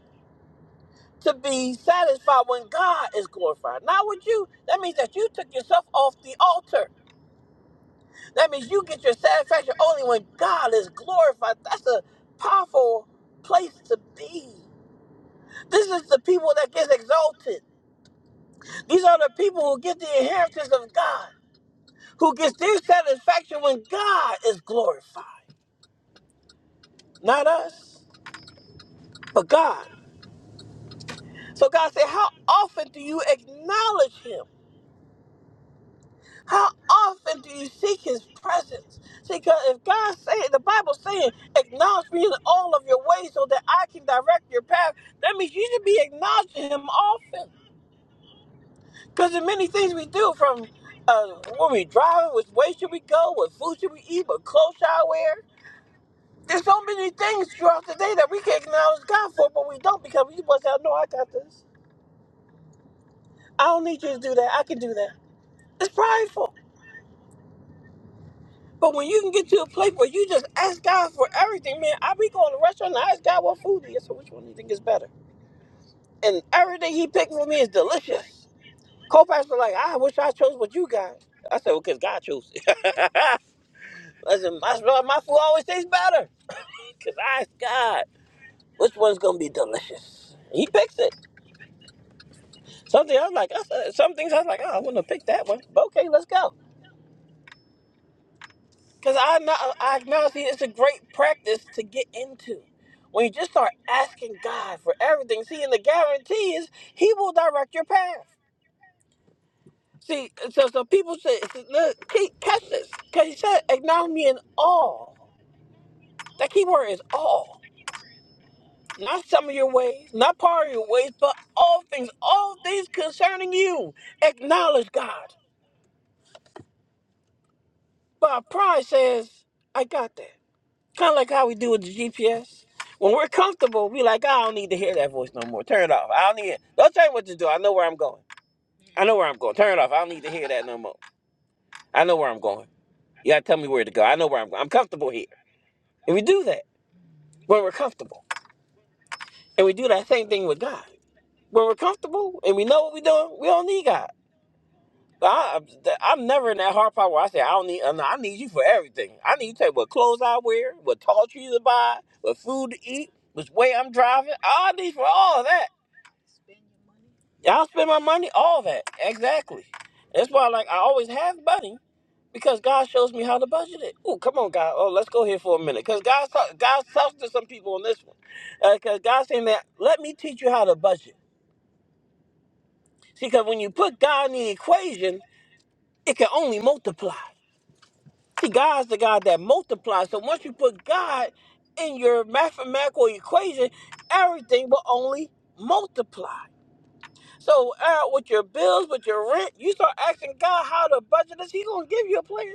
to be satisfied when God is glorified, not with you. That means that you took yourself off the altar. That means you get your satisfaction only when God is glorified. That's a powerful place to be. This is the people that gets exalted. These are the people who get the inheritance of God, who gets their satisfaction when God is glorified. Not us, but God. So God said, How often do you acknowledge him? How often do you seek his presence? See, because if God saying the Bible saying, acknowledge me in all of your ways so that I can direct your path, that means you should be acknowledging him often. Because in many things we do from uh, when we driving, which way should we go, what food should we eat, what clothes should I wear? There's so many things throughout the day that we can acknowledge God for, but we don't because we must say, no, I got this. I don't need you to do that. I can do that. It's prideful. But when you can get to a place where you just ask God for everything, man, I be going to a restaurant and I ask God what food is. So which one do you think is better? And everything he picked for me is delicious. Co-pastor like, I wish I chose what you got. I said, well, because God chose it. Listen, my, my food always tastes better because I asked God which one's going to be delicious. He picks it. Something I was like, I said, some things I was like, oh, I want to pick that one. But okay, let's go. Because I, know- I acknowledge see, it's a great practice to get into. When you just start asking God for everything, see, and the guarantee is He will direct your path. See, so so people say, look, keep catch this, because He said, acknowledge me in all. That key word is all. Not some of your ways, not part of your ways, but all things, all things concerning you. Acknowledge God. But pride says, I got that. Kind of like how we do with the GPS. When we're comfortable, we like, I don't need to hear that voice no more. Turn it off. I don't need it. Don't tell me what to do. I know where I'm going. I know where I'm going. Turn it off. I don't need to hear that no more. I know where I'm going. You gotta tell me where to go. I know where I'm going. I'm comfortable here. And we do that when we're comfortable. And we do that same thing with God. When we're comfortable and we know what we're doing, we don't need God. I, I'm never in that hard part where I say I don't need. uh, nah, I need you for everything. I need you to tell me what clothes I wear, what tall trees to buy, what food to eat, which way I'm driving. I need for all of that. Y'all spend my money, all that exactly. That's why, like, I always have money because God shows me how to budget it. Ooh, come on, God. Oh, let's go here for a minute because God God talks to some people on this one because God's saying that let me teach you how to budget. See, because when you put God in the equation, it can only multiply. See, God's the God that multiplies. So once you put God in your mathematical equation, everything will only multiply. So uh, with your bills, with your rent, you start asking God how to budget this. He's gonna give you a plan.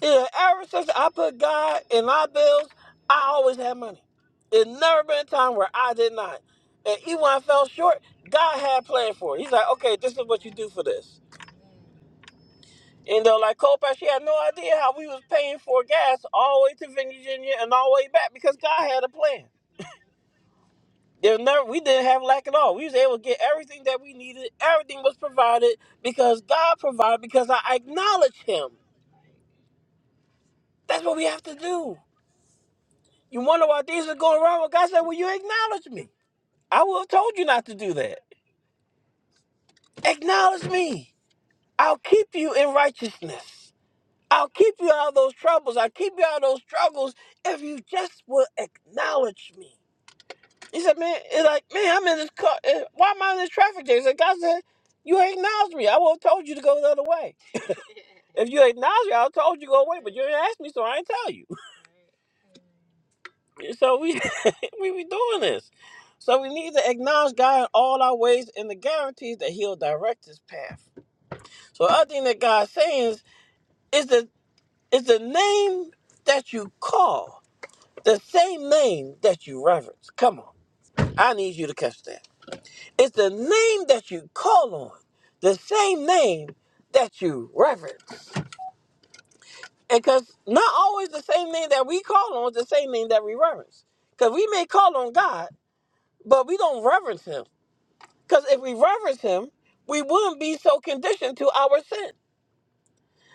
Yeah, ever since I put God in my bills, I always had money. There's never been a time where I did not. And even when I fell short, God had a plan for it. He's like, okay, this is what you do for this. And though, like Copac, she had no idea how we was paying for gas all the way to Virginia and all the way back because God had a plan. There never we didn't have lack at all. We was able to get everything that we needed. Everything was provided because God provided because I acknowledge Him. That's what we have to do. You wonder why things are going wrong? Well, God said, "Well, you acknowledge me. I would have told you not to do that. Acknowledge me. I'll keep you in righteousness. I'll keep you out of those troubles. I'll keep you out of those struggles if you just will acknowledge me." He said, man, it's like, man, I'm in this car. eh, Why am I in this traffic jam? He said, God said, you ain't acknowledged me. I would have told you to go the other way. If you acknowledged me, I would have told you to go away, but you didn't ask me, so I ain't tell you. So we we be doing this. So we need to acknowledge God in all our ways and the guarantees that He'll direct His path. So the other thing that God's saying is, is the is the name that you call the same name that you reverence. Come on, I need you to catch that. It's the name that you call on, the same name that you reverence. And because not always the same name that we call on is the same name that we reverence. Because we may call on God, but we don't reverence Him. Because if we reverence Him, we wouldn't be so conditioned to our sin.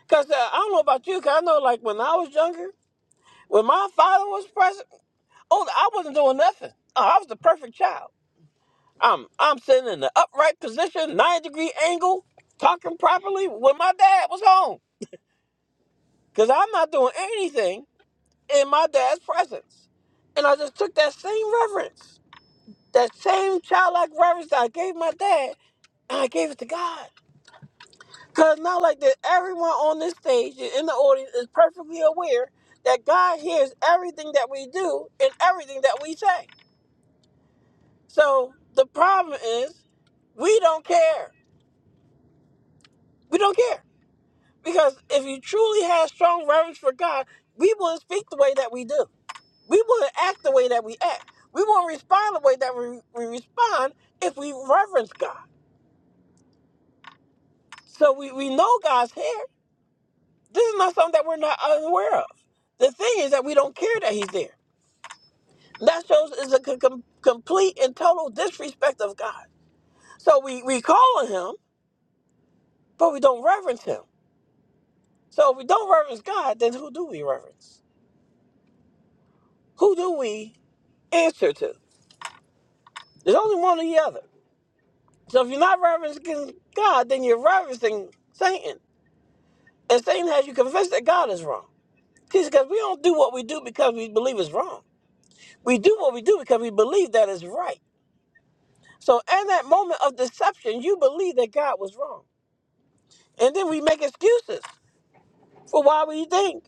Because uh, I don't know about you, because I know like when I was younger, when my father was present, oh, I wasn't doing nothing. Oh, I was the perfect child. I'm I'm sitting in the upright position, nine degree angle, talking properly when my dad was home. Cause I'm not doing anything in my dad's presence. And I just took that same reverence, that same childlike reverence that I gave my dad, and I gave it to God. Cause not like that everyone on this stage and in the audience is perfectly aware that God hears everything that we do and everything that we say. So the problem is we don't care. We don't care. Because if you truly had strong reverence for God, we wouldn't speak the way that we do. We wouldn't act the way that we act. We wouldn't respond the way that we, we respond if we reverence God. So we, we know God's here. This is not something that we're not unaware of. The thing is that we don't care that He's there. That shows is a com- com- complete and total disrespect of God. So we, we call on Him, but we don't reverence Him. So if we don't reverence God, then who do we reverence? Who do we answer to? There's only one or the other. So if you're not reverencing God, then you're reverencing Satan. And Satan has you convinced that God is wrong. See, because we don't do what we do because we believe it's wrong. We do what we do because we believe that is right. So in that moment of deception, you believe that God was wrong. And then we make excuses for why we think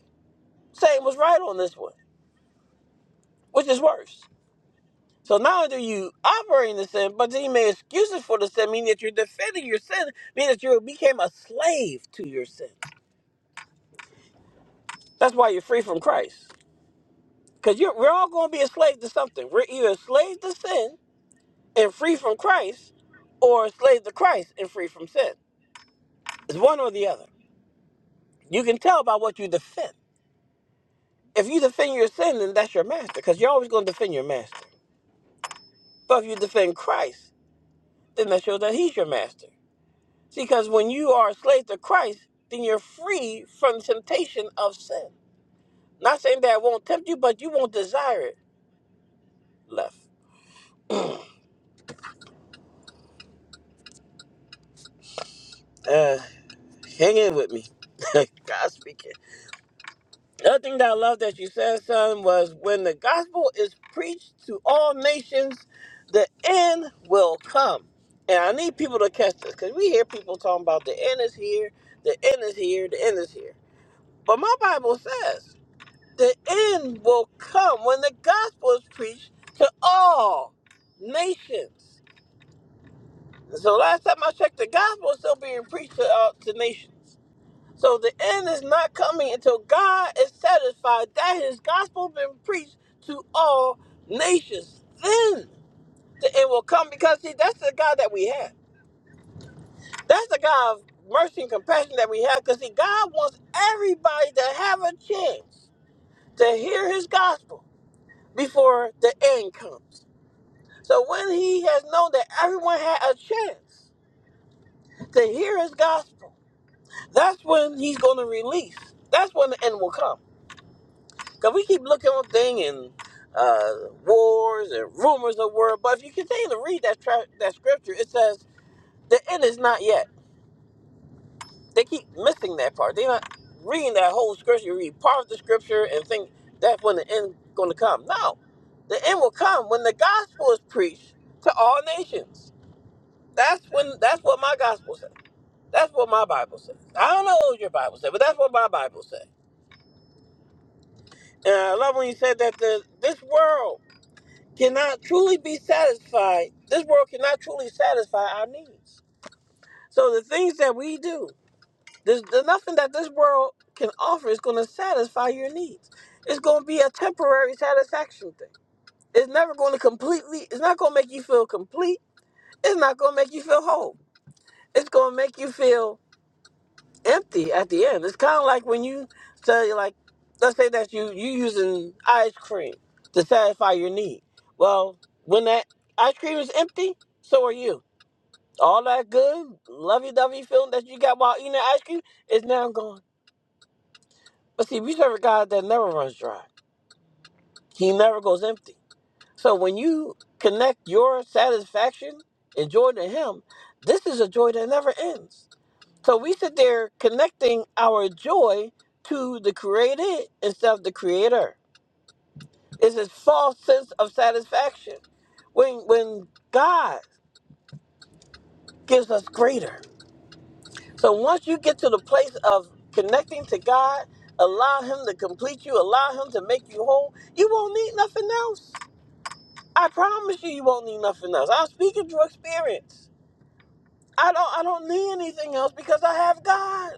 Satan was right on this one, which is worse. So not only do you operate in the sin, but then you make excuses for the sin, meaning that you're defending your sin, meaning that you became a slave to your sin. That's why you're free from Christ. Because we're all going to be enslaved to something. We're either enslaved to sin and free from Christ, or enslaved to Christ and free from sin. It's one or the other. You can tell by what you defend. If you defend your sin, then that's your master, because you're always going to defend your master. But if you defend Christ, then that shows that he's your master. See, because when you are enslaved to Christ, then you're free from the temptation of sin. Not saying that it won't tempt you, but you won't desire it left. Uh, hang in with me. God speaking. The other thing that I love that you said, son, was when the gospel is preached to all nations, the end will come. And I need people to catch this because we hear people talking about the end is here, the end is here, the end is here. But my Bible says the end will come when the gospel is preached to all nations. And so last time I checked, the gospel is still being preached to, uh, to nations. So the end is not coming until God is satisfied that his gospel been preached to all nations. Then the end will come because see that's the God that we have. That's the God of mercy and compassion that we have. Because see, God wants everybody to have a chance to hear his gospel before the end comes. So when he has known that everyone had a chance to hear his gospel, that's when he's gonna release. That's when the end will come. Cause we keep looking on thing and uh, wars and rumors of war. But if you continue to read that tra- that scripture, it says the end is not yet. They keep missing that part. They're not reading that whole scripture. You read part of the scripture and think that's when the end going to come. No, the end will come when the gospel is preached to all nations. That's when. That's what my gospel says. That's what my Bible says. I don't know what your Bible says, but that's what my Bible says. And I love when you said that the this world cannot truly be satisfied. This world cannot truly satisfy our needs. So the things that we do, there's, there's nothing that this world can offer is going to satisfy your needs. It's going to be a temporary satisfaction thing. It's never going to completely. It's not going to make you feel complete. It's not going to make you feel whole. It's going to make you feel empty at the end. It's kind of like when you say, like, let's say that you you using ice cream to satisfy your need. Well, when that ice cream is empty, so are you. All that good lovey-dovey feeling that you got while eating the ice cream is now gone. But see, we serve a God that never runs dry. He never goes empty. So when you connect your satisfaction and joy to Him, this is a joy that never ends. So we sit there connecting our joy to the created instead of the creator. It's this false sense of satisfaction when when God gives us greater. So once you get to the place of connecting to God, allow him to complete you, allow him to make you whole, you won't need nothing else. I promise you you won't need nothing else. I'm speaking through experience. I don't I don't need anything else because I have God.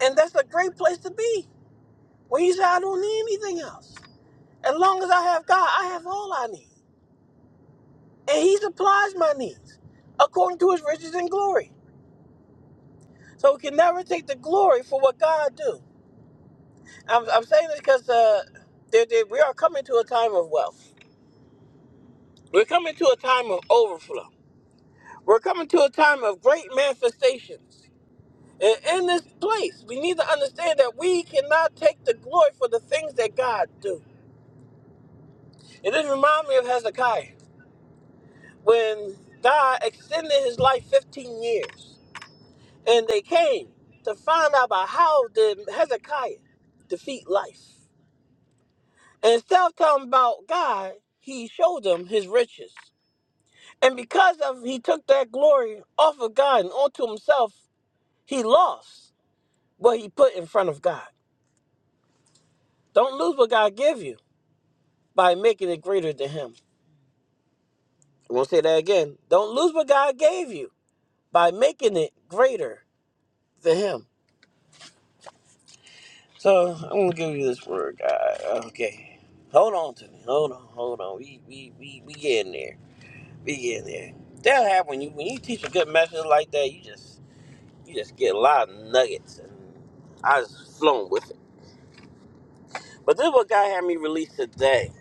And that's a great place to be. When you say I don't need anything else, as long as I have God, I have all I need. And He supplies my needs according to His riches and glory. So we can never take the glory for what God do. I'm, I'm saying this because uh, there- there- we are coming to a time of wealth. We're coming to a time of overflow. We're coming to a time of great manifestations. And in this place, we need to understand that we cannot take the glory for the things that God do. It just reminds me of Hezekiah. when God extended his life 15 years. And they came to find out about how did Hezekiah defeat life. And instead of telling about God, he showed them his riches. And because of he took that glory off of God and onto himself, he lost what he put in front of God. Don't lose what God gave you by making it greater than him. I'm gonna say that again. Don't lose what God gave you by making it greater than him. So I'm gonna give you this word, God. Okay, hold on to me. Hold on, hold on. We we we we getting there. We getting there. That'll happen when you when you teach a good message like that. You just you just get a lot of nuggets, and I was flown with it. But this is what God had me release today.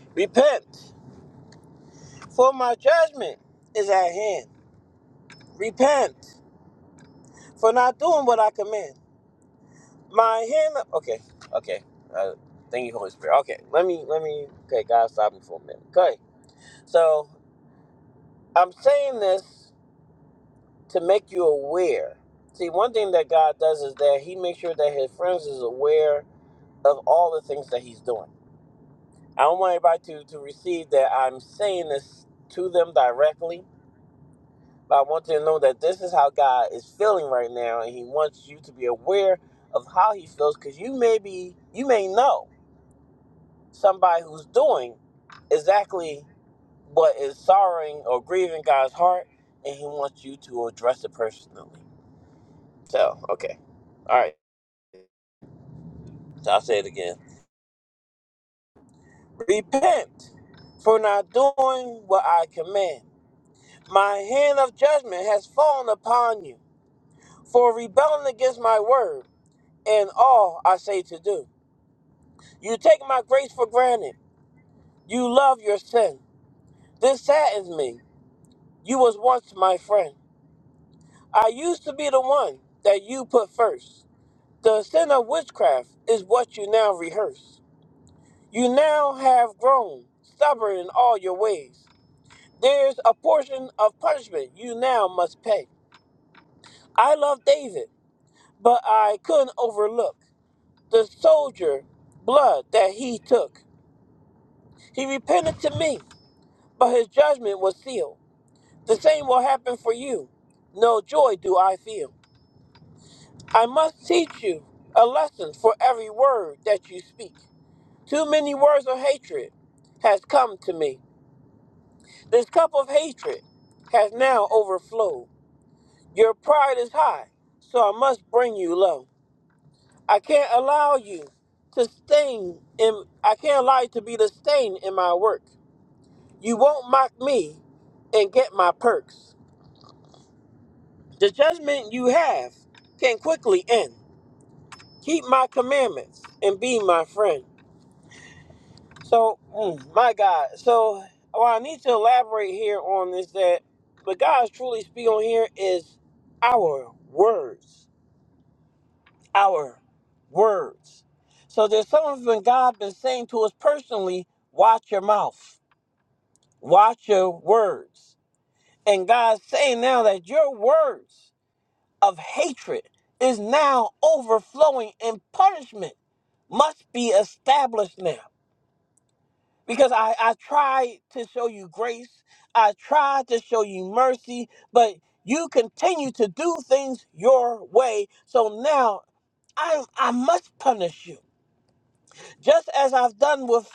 Repent, for my judgment is at hand. Repent for not doing what I command. My hand. Okay, okay. Uh, thank you, Holy Spirit. Okay, let me let me. Okay, God, stop me for a minute. Okay So I'm saying this to make you aware. See, one thing that God does is that He makes sure that His friends is aware of all the things that He's doing. I don't want anybody to, to receive that I'm saying this to them directly, but I want you to know that this is how God is feeling right now, and He wants you to be aware of how He feels because you may be, you may know somebody who's doing exactly what is sorrowing or grieving God's heart, and He wants you to address it personally. So, okay. All right. So I'll say it again. Repent for not doing what I command. My hand of judgment has fallen upon you for rebelling against my word and all I say to do. You take my grace for granted. You love your sin. This saddens me. You was once my friend. I used to be the one that you put first. The sin of witchcraft is what you now rehearse. You now have grown stubborn in all your ways. There's a portion of punishment you now must pay. I love David, but I couldn't overlook the soldier blood that he took. He repented to me, but his judgment was sealed. The same will happen for you. No joy do I feel. I must teach you a lesson for every word that you speak. Too many words of hatred has come to me. This cup of hatred has now overflowed. Your pride is high, so I must bring you low. I can't allow you to stain in I can't allow you to be the stain in my work. You won't mock me and get my perks. The judgment you have can quickly end. Keep my commandments and be my friend. So, mm, my God. So, well, I need to elaborate here on this. that what God is truly speaking on here is our words. our words. So there's some of God been saying to us personally, watch your mouth, watch your words. And God's saying now that your words of hatred is now overflowing and punishment must be established now. Because I, I tried to show you grace, I tried to show you mercy, but you continue to do things your way. So now I I must punish you. just as I've done with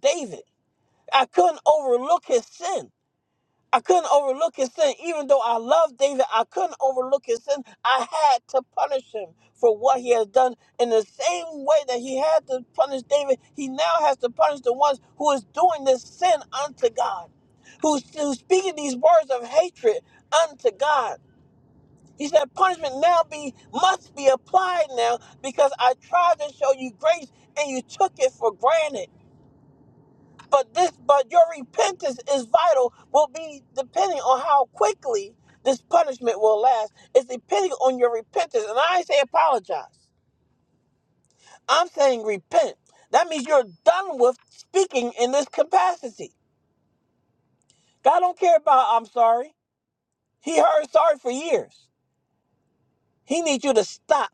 David. I couldn't overlook his sin. I couldn't overlook his sin. Even though I loved David, I couldn't overlook his sin. I had to punish him for what he had done. In the same way that he had to punish David, he now has to punish the ones who is doing this sin unto God, who's, who's speaking these words of hatred unto God. He said, punishment now be must be applied now because I tried to show you grace and you took it for granted. But this, but your repentance is vital. Will be depending on how quickly this punishment will last. It's depending on your repentance. And I ain't say apologize. I'm saying repent. That means you're done with speaking in this capacity. God don't care about I'm sorry. He heard sorry for years. He needs you to stop.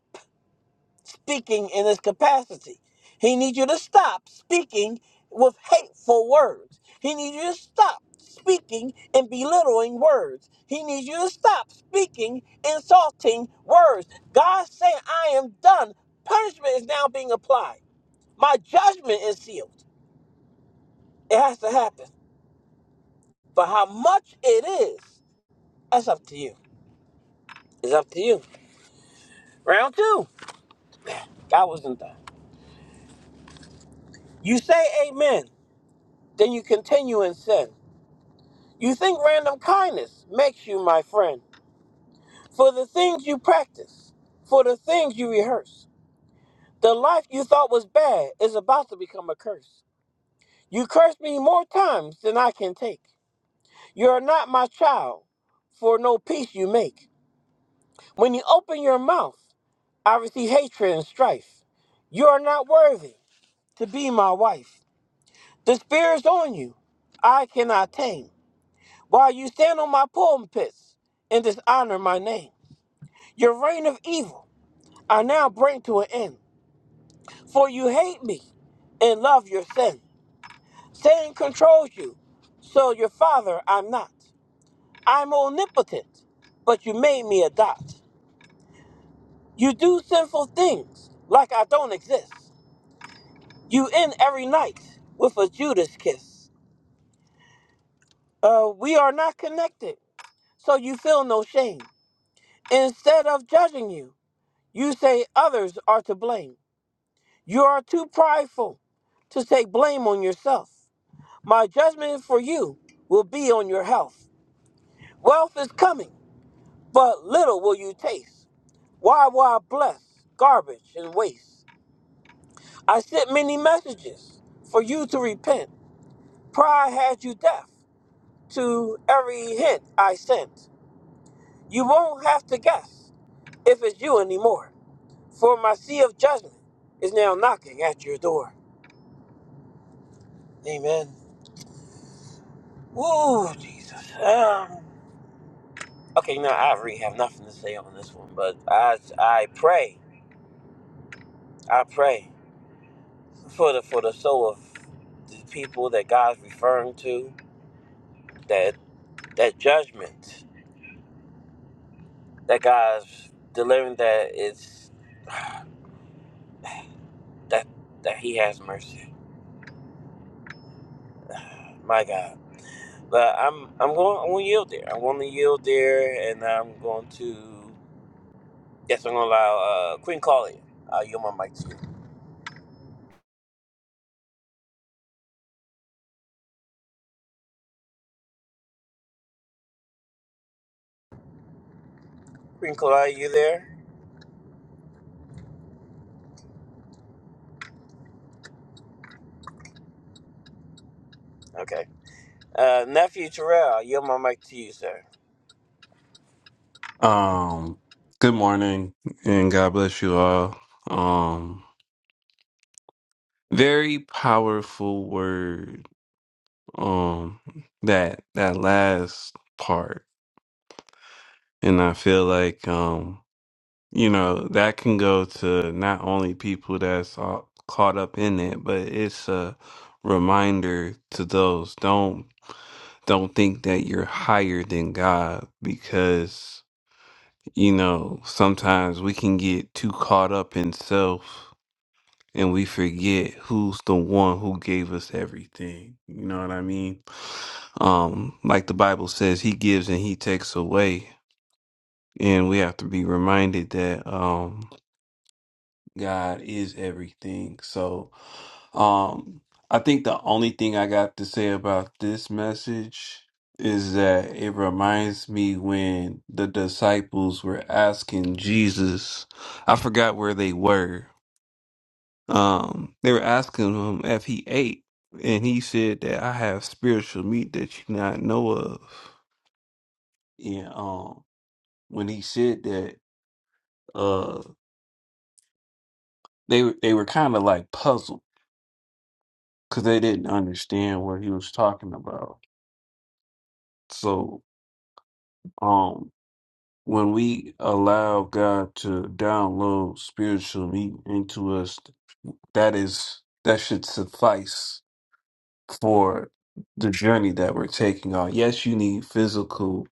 speaking in his capacity. He needs you to stop speaking with hateful words. He needs you to stop speaking in belittling words. He needs you to stop speaking insulting words. God saying, I am done. Punishment is now being applied. My judgment is sealed. It has to happen. But how much it is, that's up to you. It's up to you. Round two. God wasn't done. You say amen, then you continue in sin. You think random kindness makes you my friend. For the things you practice, for the things you rehearse, the life you thought was bad is about to become a curse. You cursed me more times than I can take. You are not my child, for no peace you make. When you open your mouth, I receive hatred and strife. You are not worthy to be my wife. The spirit's on you, I cannot tame. While you stand on my pulpits and dishonor my name. Your reign of evil I now bring to an end. For you hate me and love your sin. Satan controls you, so your father I'm not. I'm omnipotent, but you made me a dot. You do sinful things like I don't exist. You end every night with a Judas kiss. Uh, we are not connected, so you feel no shame. Instead of judging you, you say others are to blame. You are too prideful to take blame on yourself. My judgment for you will be on your health. Wealth is coming, but little will you taste. Why will I bless garbage and waste? I sent many messages for you to repent. Pride had you deaf to every hint I sent. You won't have to guess if it's you anymore, for my sea of judgment is now knocking at your door. Amen. Ooh, Jesus. Um, okay, now I really have nothing to say on this one, but I I pray I pray for the for the soul of the people that God's referring to, that that judgment that God's delivering that is that that He has mercy. My God. But I'm I'm going I'm gonna yield there. I'm gonna yield there and I'm going to yes I'm gonna allow uh, Queen Claudia. I'll yield my mic to you. Queen Claudia, you there? Okay. Uh, nephew Terrell, I yield my mic to you, sir.
Um, good morning and God bless you all. Um, very powerful word. Um, that that last part, and I feel like um, you know, that can go to not only people that's all caught up in it, but it's a reminder to those don't don't think that you're higher than God because you know sometimes we can get too caught up in self and we forget who's the one who gave us everything. You know what I mean? Um, like the Bible says, He gives and He takes away, and we have to be reminded that um, God is everything. So, um, I think the only thing I got to say about this message is that it reminds me when the disciples were asking Jesus, I forgot where they were Um, they were asking him if he ate, and he said that I have spiritual meat that you not know of. And um, when he said that, uh, they were they were kind of like puzzled because they didn't understand what he was talking about. So, um, when we allow God to download spiritual meat into us, that is that should suffice for the journey that we're taking on. Yes, you need physical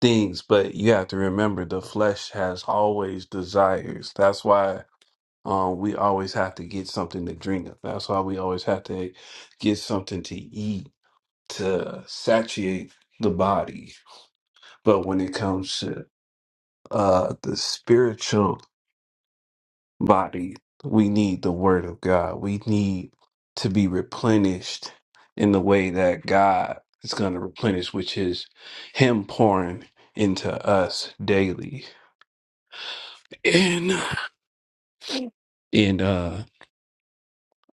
things, but you have to remember the flesh has always desires. That's why um, we always have to get something to drink. That's why we always have to get something to eat to satiate the body. But when it comes to uh, the spiritual body, we need the word of God. We need to be replenished in the way that God is going to replenish, which is Him pouring into us daily. And uh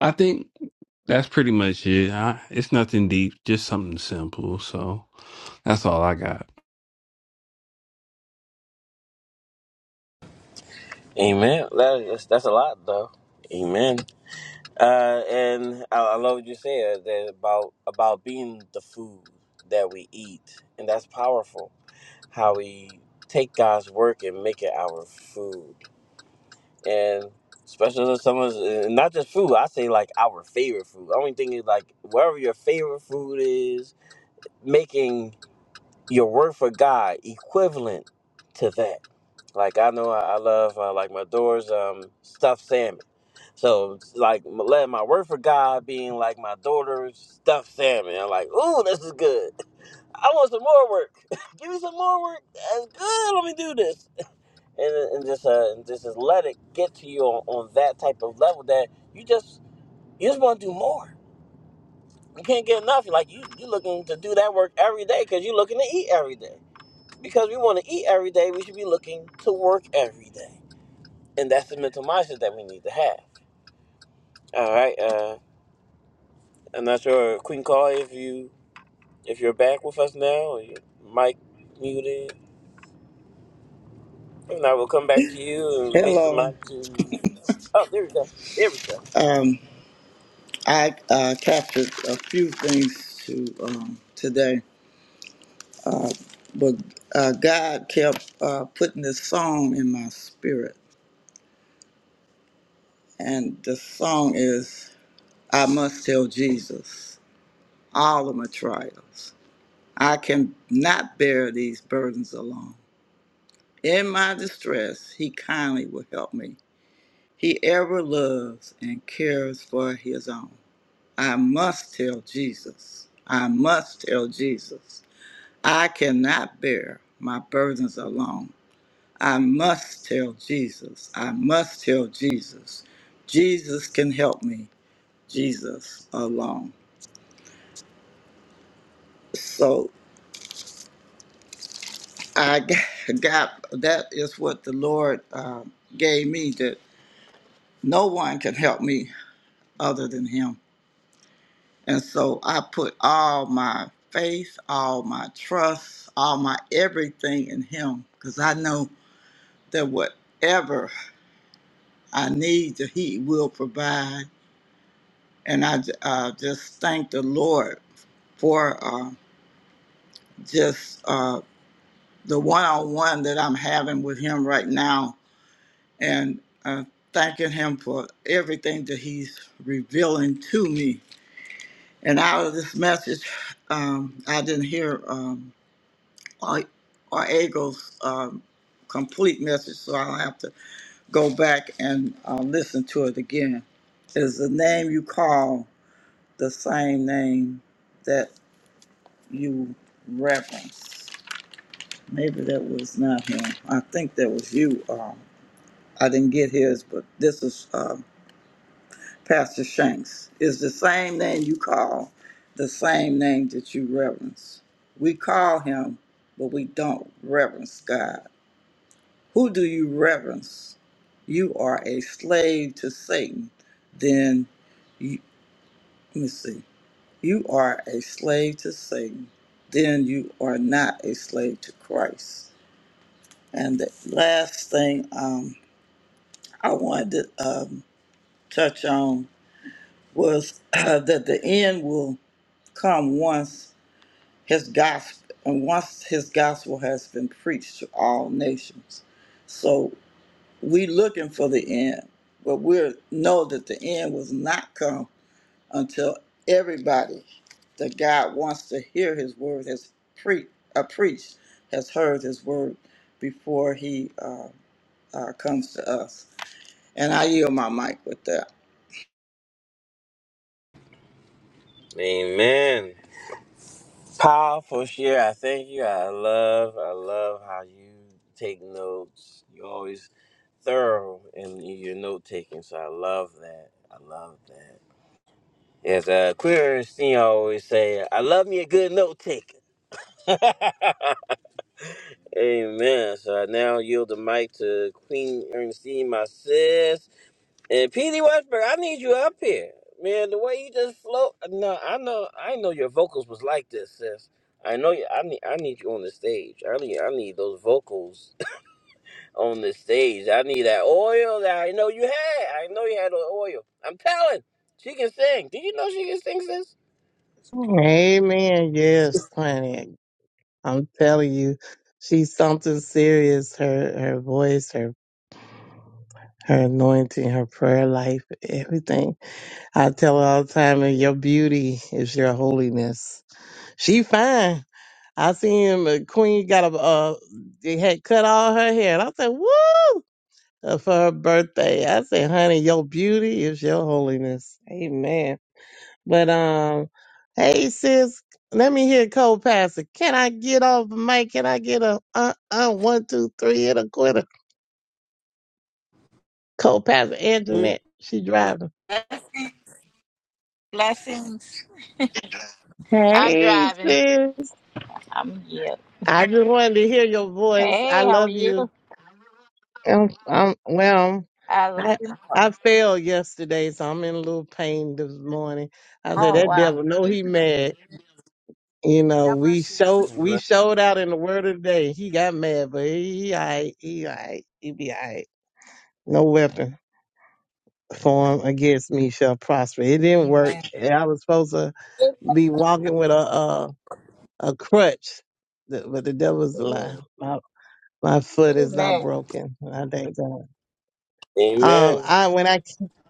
I think that's pretty much it. I, it's nothing deep, just something simple. So that's all I got.
Amen. That is, that's a lot though. Amen. Uh, and I, I love what you said that about about being the food that we eat, and that's powerful. How we take God's work and make it our food, and especially if someone's and not just food. I say like our favorite food. I only thing is like wherever your favorite food is, making your work for God equivalent to that. Like I know I, I love uh, like my doors um stuffed salmon. So like letting my word for God being like my daughter's stuffed salmon. I'm like, ooh, this is good. I want some more work. Give me some more work. That's good. Let me do this. And, and just uh, and just just let it get to you on, on that type of level that you just you just want to do more. You can't get enough. You're Like you you looking to do that work every day because you're looking to eat every day. Because we want to eat every day, we should be looking to work every day. And that's the mental mindset that we need to have. All right. Uh, I'm not sure, Queen Call, if you if you're back with us now, or your mic muted. If not, we'll come back to you and release the
Hello.
mic to. Oh, there we go. There we go.
Um, I uh, captured a few things to um, today, but uh, God kept uh, putting this song in my spirit, and the song is "I must tell Jesus all of my trials. I cannot bear these burdens alone. In my distress, He kindly will help me. He ever loves and cares for His own. I must tell Jesus. I must tell Jesus. I cannot bear my burdens alone. I must tell Jesus. I must tell Jesus. Jesus can help me. Jesus alone. So I g- got that is what the Lord uh, gave me that no one can help me other than Him. And so I put all my faith, all my trust, all my everything in Him because I know that whatever I need, He will provide. And I uh, just thank the Lord for uh, just uh, the one on one that I'm having with Him right now and uh, thanking Him for everything that He's revealing to me. And out of this message, um, I didn't hear um, or Eagles. Um, complete message, so I'll have to go back and uh, listen to it again. Is the name you call the same name that you referenced. Maybe that was not him. I think that was you. Um, I didn't get his, but this is um, Pastor Shanks. It's the same name you call, the same name that you reverence. We call him, but we don't reverence God. Who do you reverence? You are a slave to Satan. Then, you, let me see. You are a slave to Satan. Then you are not a slave to Christ. And the last thing um, I wanted to um, touch on was that the end will come once his gospel and once his gospel has been preached to all nations. So we looking for the end, but we know that the end was not come until everybody that God wants to hear His word has pre- uh, preached has heard His word before He uh, uh, comes to us. And I yield my mic with that.
Amen. Powerful share. I thank you. I love. I love how you take notes. You're always thorough in your note taking. So I love that. I love that. As a queer, you always say, "I love me a good note taker." Amen. So I now yield the mic to Queen Ernestine, my sis. And PD Westbrook, I need you up here. Man, the way you just float. No, I know I didn't know your vocals was like this, sis. I know you I need I need you on the stage. I need I need those vocals on the stage. I need that oil that I know you had. I know you had the oil. I'm telling. She can sing. Did you know she can sing, sis?
Amen. Yes, honey. I'm telling you, she's something serious. Her her voice, her her anointing, her prayer life, everything. I tell her all the time, "And your beauty is your holiness. She fine. I seen him. uh, Queen got a uh, they had cut all her hair, and I said, "What?" Uh, For her birthday, I said, "Honey, your beauty is your holiness." Amen. But um, hey sis, let me hear Cold Passer. Can I get off the mic? Can I get a uh uh one two three and a quitter? Cold Passer
Hmm?
internet. She driving.
Bless- Blessings. I'm
Hey
driving.
sis,
I'm here.
I just wanted to hear your voice. I
Hey, how are
love
you?
you. Um, um well,
I love
I
you
I
more.
fell yesterday, so I'm in a little pain this morning. I said
Oh,
that
wow.
devil know
Thank
he
you.
mad. You know,
God
we
bless you.
showed we showed out in the word of the day. He got mad, but he, he alright, he alright, he be alright. No weapon formed against me shall prosper. It didn't work.
Amen.
I was supposed to
Thank
be walking with a a, a crutch, The- but the devil's a lie.
you.
My, my foot is not
Amen.
broken. I thank God. Um,
Amen.
I when I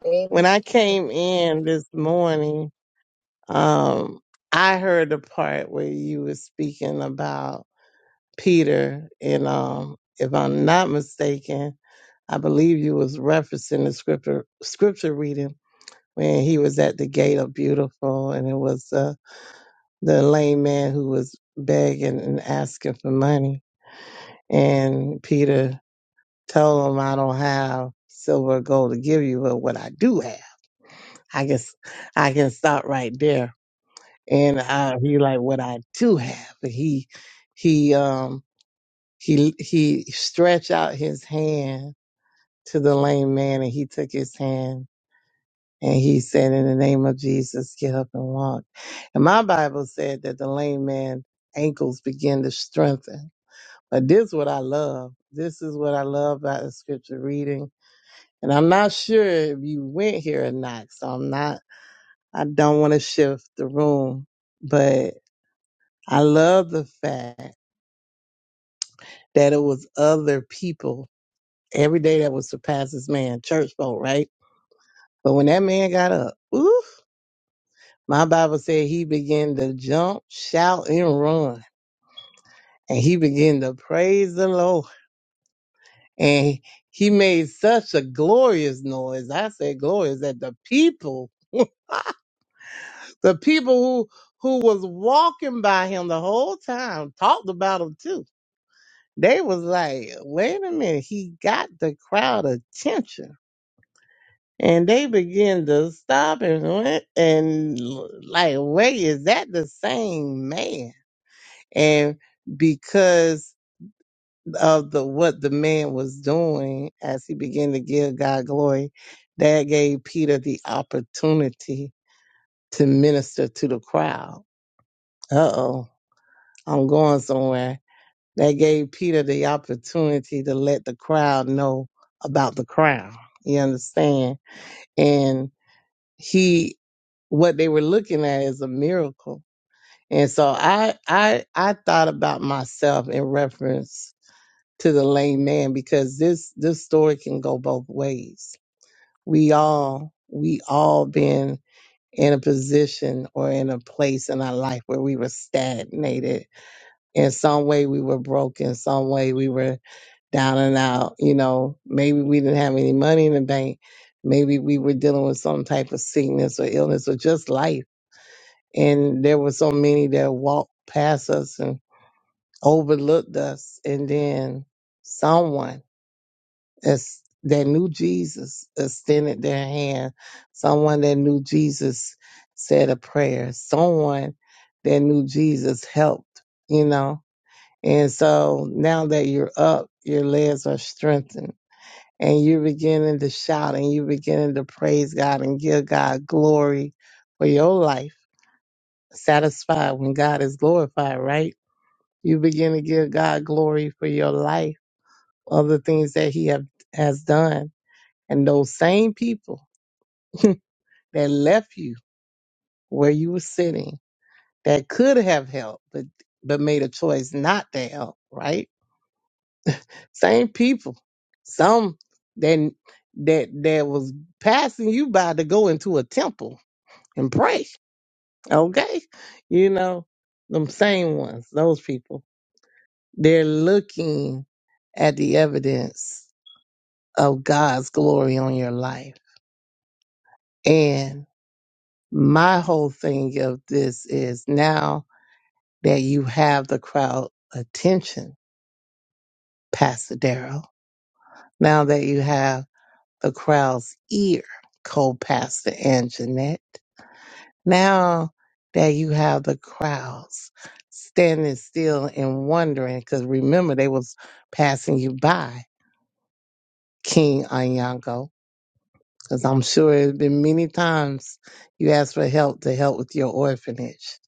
Amen.
when I came in this morning, um, I heard the part where you were speaking about. Peter, and um, if I'm not mistaken, I believe you was referencing the scripture scripture reading when he was at the gate of beautiful, and it was uh, the lame man who was begging and asking for money, and Peter told him, "I don't have silver or gold to give you, but what I do have, I guess I can stop right there." And uh, he like, "What I do have," but he he um he he stretched out his hand to the lame man and he took his hand and he said, in the name of Jesus, get up and walk. And my Bible said that the lame man ankles begin to strengthen. But this is what I love. This is what I love about the scripture reading. And I'm not sure if you went here or not. So I'm not, I don't want to shift the room, but I love the fact that it was other people every day that was the pastor's man, church folk, right? But when that man got up, ooh. My Bible said he began to jump, shout, and run. And he began to praise the Lord. And he made such a glorious noise. I said glorious that the people, the people who who was walking by him the whole time talked about him too. They was like, wait a minute, he got the crowd attention. And they began to stop and went and like, wait, is that the same man? And because of the what the man was doing as he began to give God glory, that gave Peter the opportunity to minister to the crowd. Uh oh, I'm going somewhere. That gave Peter the opportunity to let the crowd know about the crown. You understand? And he what they were looking at is a miracle. And so I I I thought about myself in reference to the layman because this this story can go both ways. We all we all been in a position or in a place in our life where we were stagnated. In some way we were broken, some way we were down and out, you know, maybe we didn't have any money in the bank. Maybe we were dealing with some type of sickness or illness or just life. And there were so many that walked past us and overlooked us and then someone As that knew Jesus extended their hand. Someone that knew Jesus said a prayer. Someone that knew Jesus helped, you know. And so now that you're up, your legs are strengthened and you're beginning to shout and you're beginning to praise God and give God glory for your life. Satisfied when God is glorified, right? You begin to give God glory for your life, other things that He have, has done and those same people that left you where you were sitting that could have helped but but made a choice not to help, right? Same people. Some that that that was passing you by to go into a temple and pray. Okay? You know, them same ones, those people. They're looking at the evidence of God's glory on your life. And my whole thing of this is now that you have the crowd attention, Pastor Darrell. Now that you have the crowd's ear, co-pastor Anjanette. Now that you have the crowds standing still and wondering, because remember they was passing you by, King Anyango. Because I'm sure it's been many times you asked for help to help with your orphanage.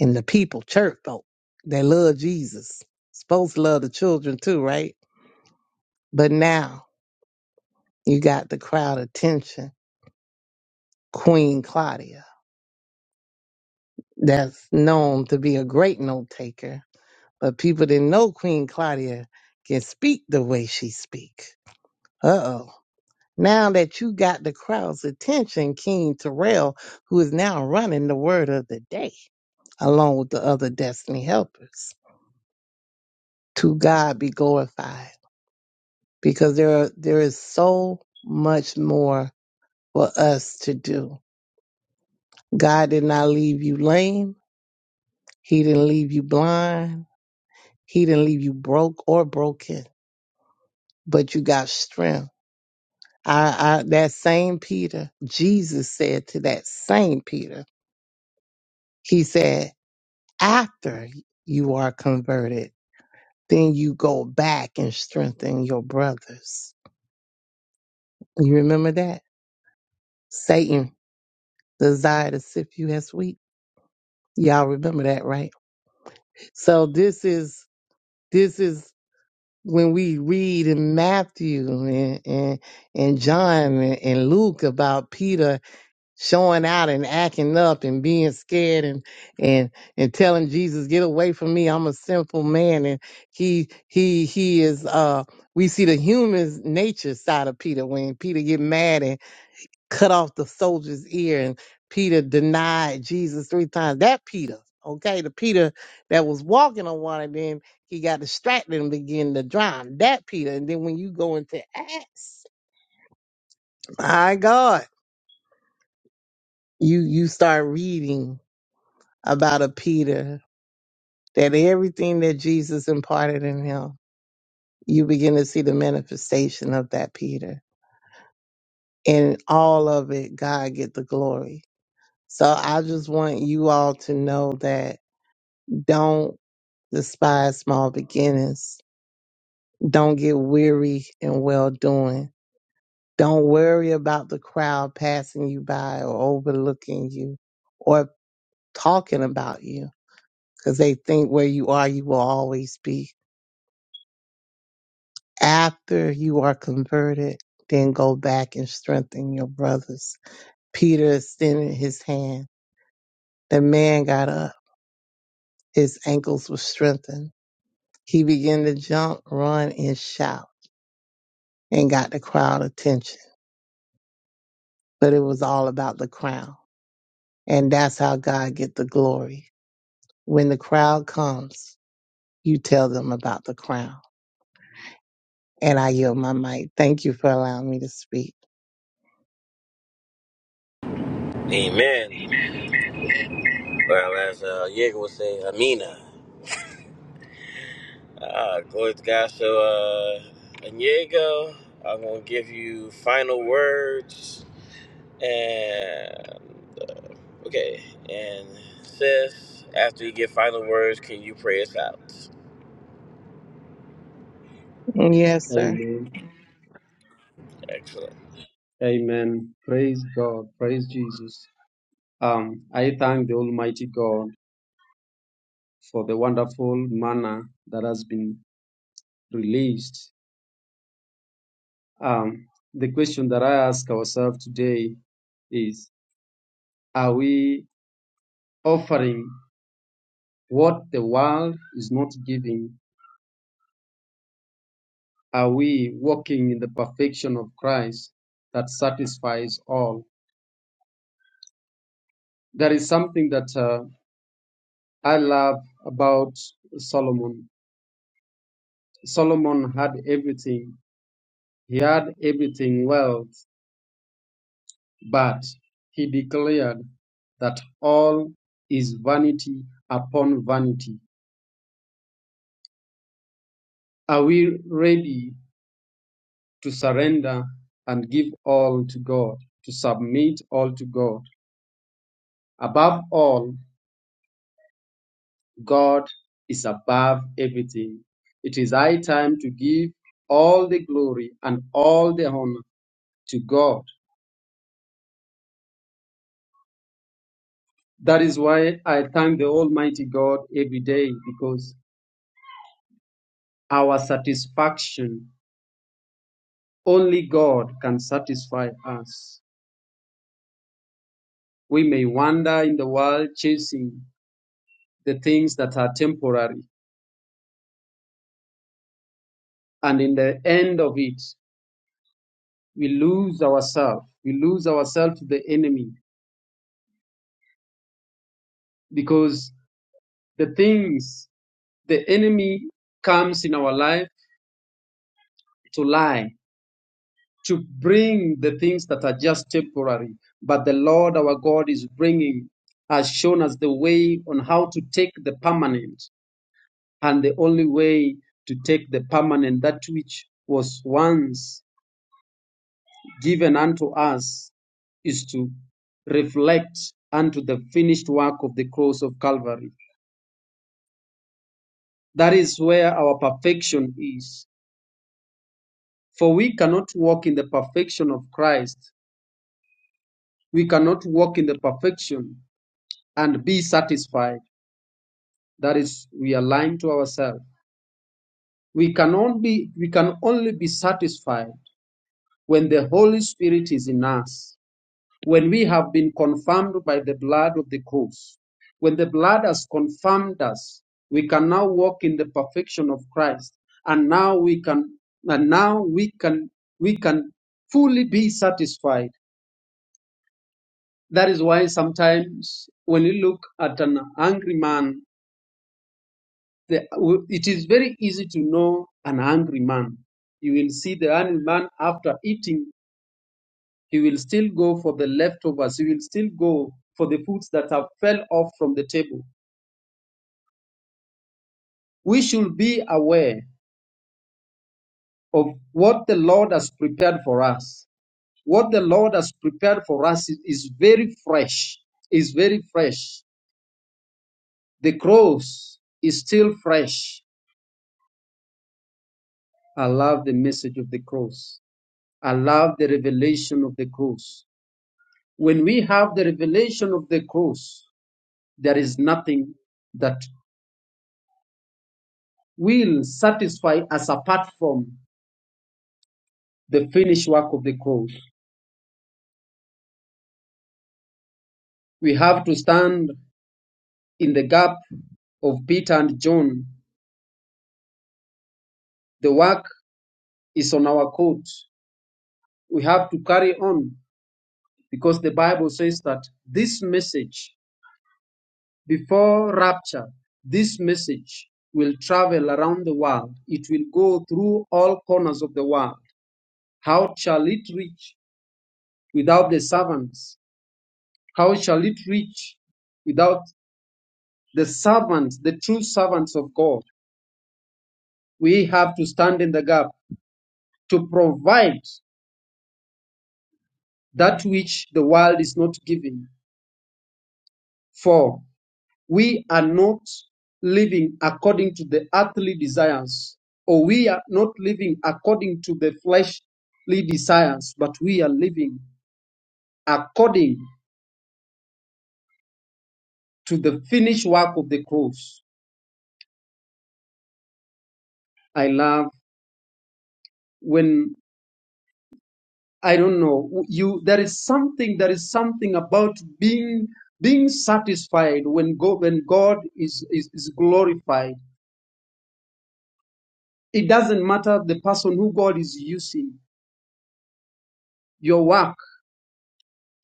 And the people, church folk, they love Jesus. Supposed to love the children too, right? But now you got the crowd attention, Queen Claudia, that's known to be a great note taker, but people didn't know Queen Claudia can speak the way she speak. Uh-oh. Now that you got the crowd's attention, King Terrell, who is now running the word of the day, along with the other destiny helpers. To God be glorified. Because there are, there is so much more for us to do. God did not leave you lame. He didn't leave you blind. He didn't leave you broke or broken, but you got strength. I, I, that same Peter, Jesus said to that same Peter, he said, after you are converted, then you go back and strengthen your brothers. You remember that? Satan desired to sift you as wheat. Y'all remember that, right? So this is, this is when we read in Matthew and and, and John and, and Luke about Peter showing out and acting up and being scared and and and telling Jesus, "Get away from me! I'm a sinful man." And he he he is uh we see the human nature side of Peter when Peter get mad and cut off the soldier's ear and Peter denied Jesus three times. That Peter, okay, the Peter that was walking on water, then he got distracted and began to drown. That Peter. And then when you go into Acts, my God, you you start reading about a Peter that everything that Jesus imparted in him, you begin to see the manifestation of that Peter. And all of it, God get the glory. So I just want you all to know that don't despise small beginnings. Don't get weary in well doing. Don't worry about the crowd passing you by or overlooking you or talking about you because they think where you are, you will always be. After you are converted, then go back and strengthen your brothers. Peter extended his hand. The man got up. His ankles were strengthened. He began to jump, run, and shout and got the crowd attention. but it was all about the crown. And that's how God get the glory. When the crowd comes, you tell them about the crown. And I yield my mic. Thank you for allowing me to speak.
Amen. Well, as uh, Diego would say, Amina. Ah, glory to God. So, uh, Diego, I'm going to give you final words. And, okay. And, sis, after you get final words, can you pray us out?
Yes, sir.
Amen.
Excellent.
Amen. Praise God. Praise Jesus. Um, I thank the Almighty God for the wonderful manna that has been released Um, the question that I ask ourselves today is Are we offering what the world is not giving? Are we walking in the perfection of Christ that satisfies all? There is something that uh, I love about Solomon. Solomon had everything, he had everything well, but he declared that all is vanity upon vanity. Are we ready to surrender and give all to God, to submit all to God. Above all, God is above everything. It is high time to give all the glory and all the honor to God. That is why I thank the Almighty God every day because our satisfaction, only God can satisfy us. We may wander in the world chasing the things that are temporary, and in the end of it, we lose ourselves. We lose ourselves to the enemy because the things the enemy comes in our life to lie, to bring the things that are just temporary. But the Lord our God is bringing, has shown us the way on how to take the permanent and the only way to take the permanent, that which was once given unto us, is to reflect unto the finished work of the cross of Calvary. That is where our perfection is. For we cannot walk in the perfection of Christ. We cannot walk in the perfection and be satisfied. That is, we are lying to ourselves. We can only we can only be satisfied when the Holy Spirit is in us. when we have been confirmed by the blood of the cross, when the blood has confirmed us, we can now walk in the perfection of Christ, and now we can, and now we can, we can fully be satisfied. That is why sometimes when you look at an angry man, the, it is very easy to know an angry man. You will see the angry man after eating He will still go for the leftovers. He will still go for the foods that have fell off from the table. We should be aware of what the Lord has prepared for us. What the Lord has prepared for us is, is very fresh. Is very fresh. The cross is still fresh. I love the message of the cross. I love the revelation of the cross. When we have the revelation of the cross, there is nothing that will satisfy us apart from the finished work of the cross. We have to stand in the gap of Peter and John. The work is on our coat. We have to carry on because the Bible says that this message, before rapture, this message will travel around the world. It will go through all corners of the world. How shall it reach without the servants? How shall it reach without the servants, the true servants of God? we have to stand in the gap to provide that which the world is not giving for. We are not living according to the earthly desires, or we are not living according to the fleshly desires, but we are living according to the finished work of the cross. I love when I don't know. You there is something there is something about being being satisfied when God when God is, is, is glorified. It doesn't matter the person who God is using. Your work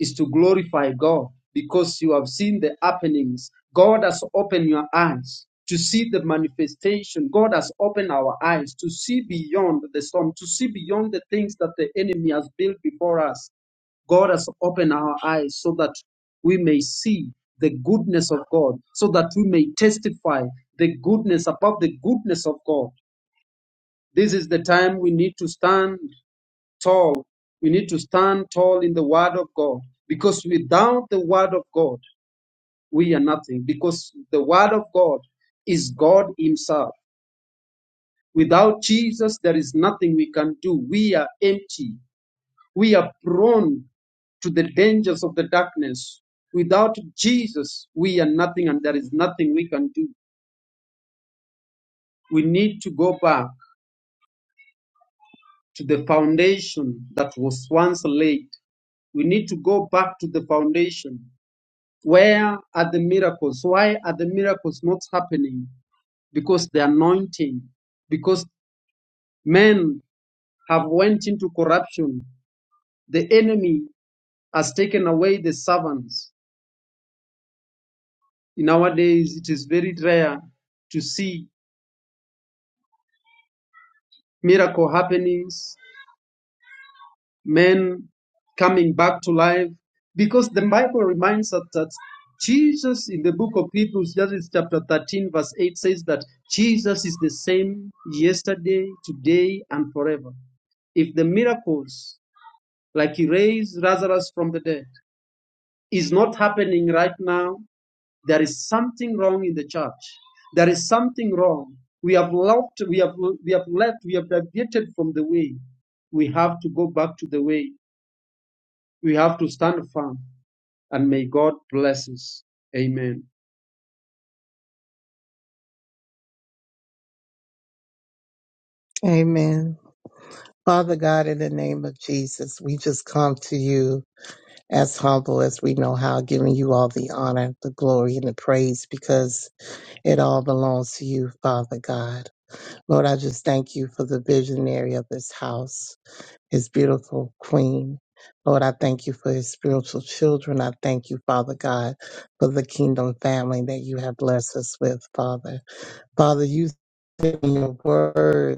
is to glorify God because you have seen the happenings. God has opened your eyes to see the manifestation. God has opened our eyes to see beyond the storm, to see beyond the things that the enemy has built before us God has opened our eyes so that we may see the goodness of God, so that we may testify the goodness about the goodness of God. This is the time we need to stand tall. We need to stand tall in the Word of God because without the Word of God, we are nothing because the Word of God is God Himself. Without Jesus, there is nothing we can do. We are empty. We are prone to the dangers of the darkness. Without Jesus, we are nothing and there is nothing we can do. We need to go back to the foundation that was once laid. We need to go back to the foundation. Where are the miracles? Why are the miracles not happening? Because the anointing, because men have went into corruption. The enemy has taken away the servants. Nowadays, it is very rare to see miracle happenings, men coming back to life, because the Bible reminds us that Jesus, in the book of Hebrews, that is chapter 13, verse 8, says that Jesus is the same yesterday, today, and forever. If the miracles, like he raised Lazarus from the dead, is not happening right now, There is something wrong in the church. There is something wrong. We have left, we have, we have left, we have deviated from the way. We have to go back to the way. We have to stand firm. And may God bless us. Amen.
Amen. Father God, in the name of Jesus, we just come to you as humble as we know how, giving you all the honor, the glory, and the praise because it all belongs to you, Father God. Lord, I just thank you for the visionary of this house, his beautiful queen. Lord, I thank you for his spiritual children. I thank you, Father God, for the kingdom family that you have blessed us with, Father. Father, you said in your word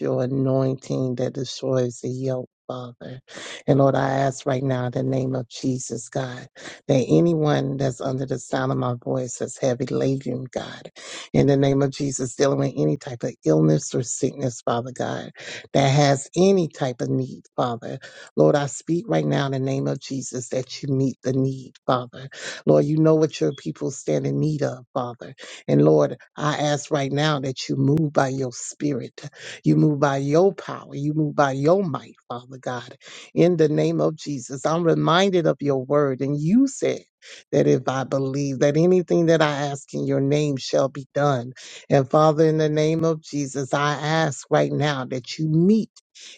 your anointing that destroys the yoke, Father. And Lord, I ask right now in the name of Jesus, God, that anyone that's under the sound of my voice that's heavy laden, God, in the name of Jesus, dealing with any type of illness or sickness, Father God, that has any type of need, Father. Lord, I speak right now in the name of Jesus that you meet the need, Father. Lord, you know what your people stand in need of, Father. And Lord, I ask right now that you move by your spirit you move by your power. You move by your might, Father God. In the name of Jesus, I'm reminded of your word. And you said that if I believe that anything that I ask in your name shall be done. And Father, in the name of Jesus, I ask right now that you meet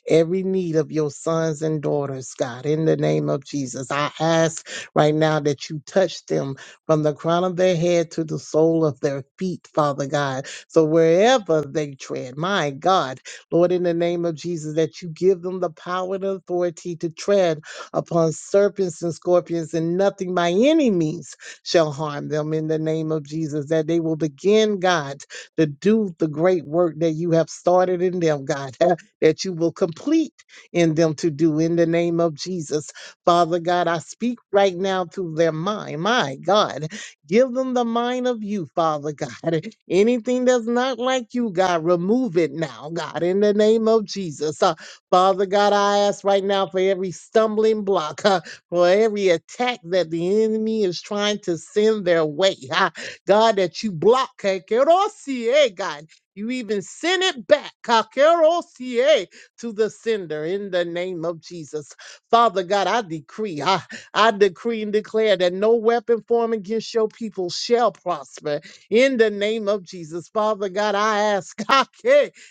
every need of your sons and daughters, God, in the name of Jesus. I ask right now that you touch them from the crown of their head to the sole of their feet, Father God so wherever they tread, my God, Lord, in the name of Jesus, that you give them the power and authority to tread upon serpents and scorpions, and nothing by any means shall harm them in the name of Jesus, that they will begin, God, to do the great work that you have started in them, God, that you will complete in them to do in the name of Jesus. Father God, I speak right now to their mind, my God, Give them the mind of you, Father God. Anything that's not like you, God, remove it now, God, in the name of Jesus. Uh, Father God, I ask right now for every stumbling block, uh, for every attack that the enemy is trying to send their way. uh, God, that you block, eh, Kerosi, eh, God. You even send it back, uh, Kerosi, eh, to the sender in the name of Jesus. Father God, I decree, uh, I decree and declare that no weapon formed against your people shall prosper in the name of Jesus. Father God, I ask God,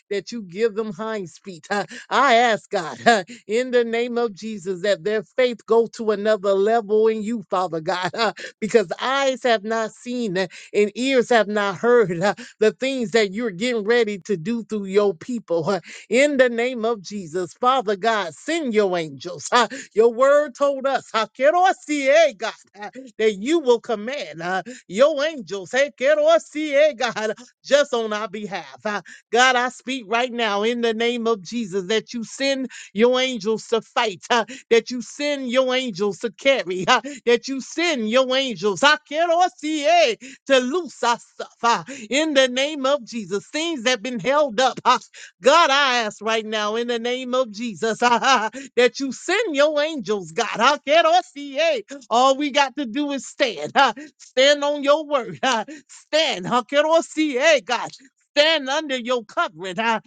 that you give them hinds feet. huh? I ask God in the name of Jesus that their faith go to another level in you, Father God, huh, because eyes have not seen uh, and ears have not heard uh, the things that you're getting ready to do through your people. huh, in the name of Jesus. Father God, send your angels. huh? Your word told us, huh, "Kerosie," God, huh, that you will command huh, your angels, hey, "Kerosie," God, just on our behalf. huh. God, I speak right now in the name of Jesus that you send your angels to fight, huh, that you send your angels to carry, huh, that you send your angels, huh, "Kerosie," to loose us up huh, in the name of Jesus. Things that have been held up. huh, God, I ask right now in the name of Jesus that you send your angels, God. I can't all see it. All we got to do is stand. huh? Stand on your word. huh? Stand. I can't all see it, God. Stand under your covering. huh?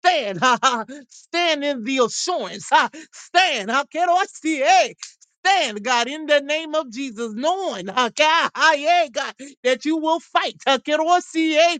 Stand. huh? Stand in the assurance. huh? Stand. I can't all see it. Stand, God, in the name of Jesus, knowing, huh, God, ah, yeah, God, that you will fight huh, can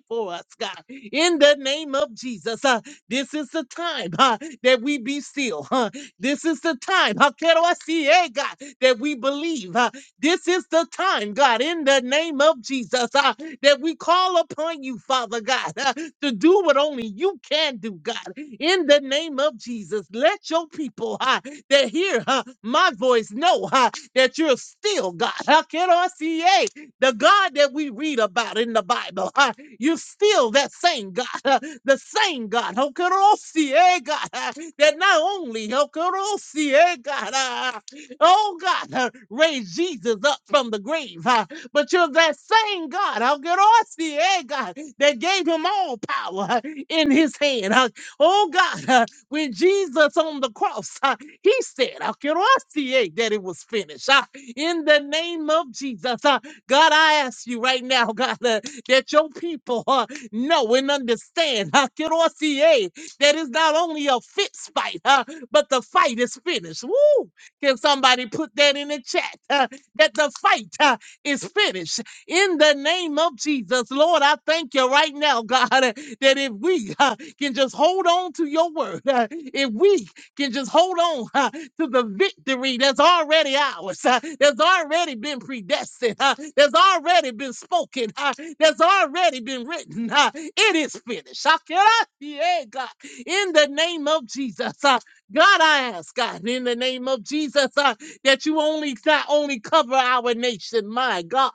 for us, God, in the name of Jesus. This is the time huh, that we be still. Huh? This is the time, huh, quiero así, eh, God, that we believe. huh? This is the time, God, in the name of Jesus, uh, that we call upon you, Father God, uh, to do what only you can do, God. In the name of Jesus, let your people uh, that hear uh, my voice know uh, that you're still God. Uh, quiero así, eh, the God that we read about in the Bible. uh, you're still that same God. Uh, the same God, Hokorosi, eh, God, uh, that not only Hokorosi, eh, God, uh, oh God, uh, raised Jesus up from the grave, uh, but you're that same God, Hokorosi, eh, God, that gave him all power uh, in his hand. uh, oh God, uh, when Jesus on the cross, uh, he said, Hokorosi, eh, that it was finished. uh, in the name of Jesus, uh, God, I ask you right now, God, uh, that your people, uh, know and understand huh, Kirosie, that it's not only a fist fight, huh, but the fight is finished. Woo! Can somebody put that in the chat? huh, that the fight huh, is finished. In the name of Jesus, Lord, I thank you right now, God, that if we huh, can just hold on to your word, huh, if we can just hold on huh, to the victory that's already ours, huh, that's already been predestined, huh, that's already been spoken, huh, that's already been written. huh. It is finished. Shakira, yeah, God. In the name of Jesus, huh, God, I ask, God, in the name of Jesus, huh, that you only not only cover our nation, my God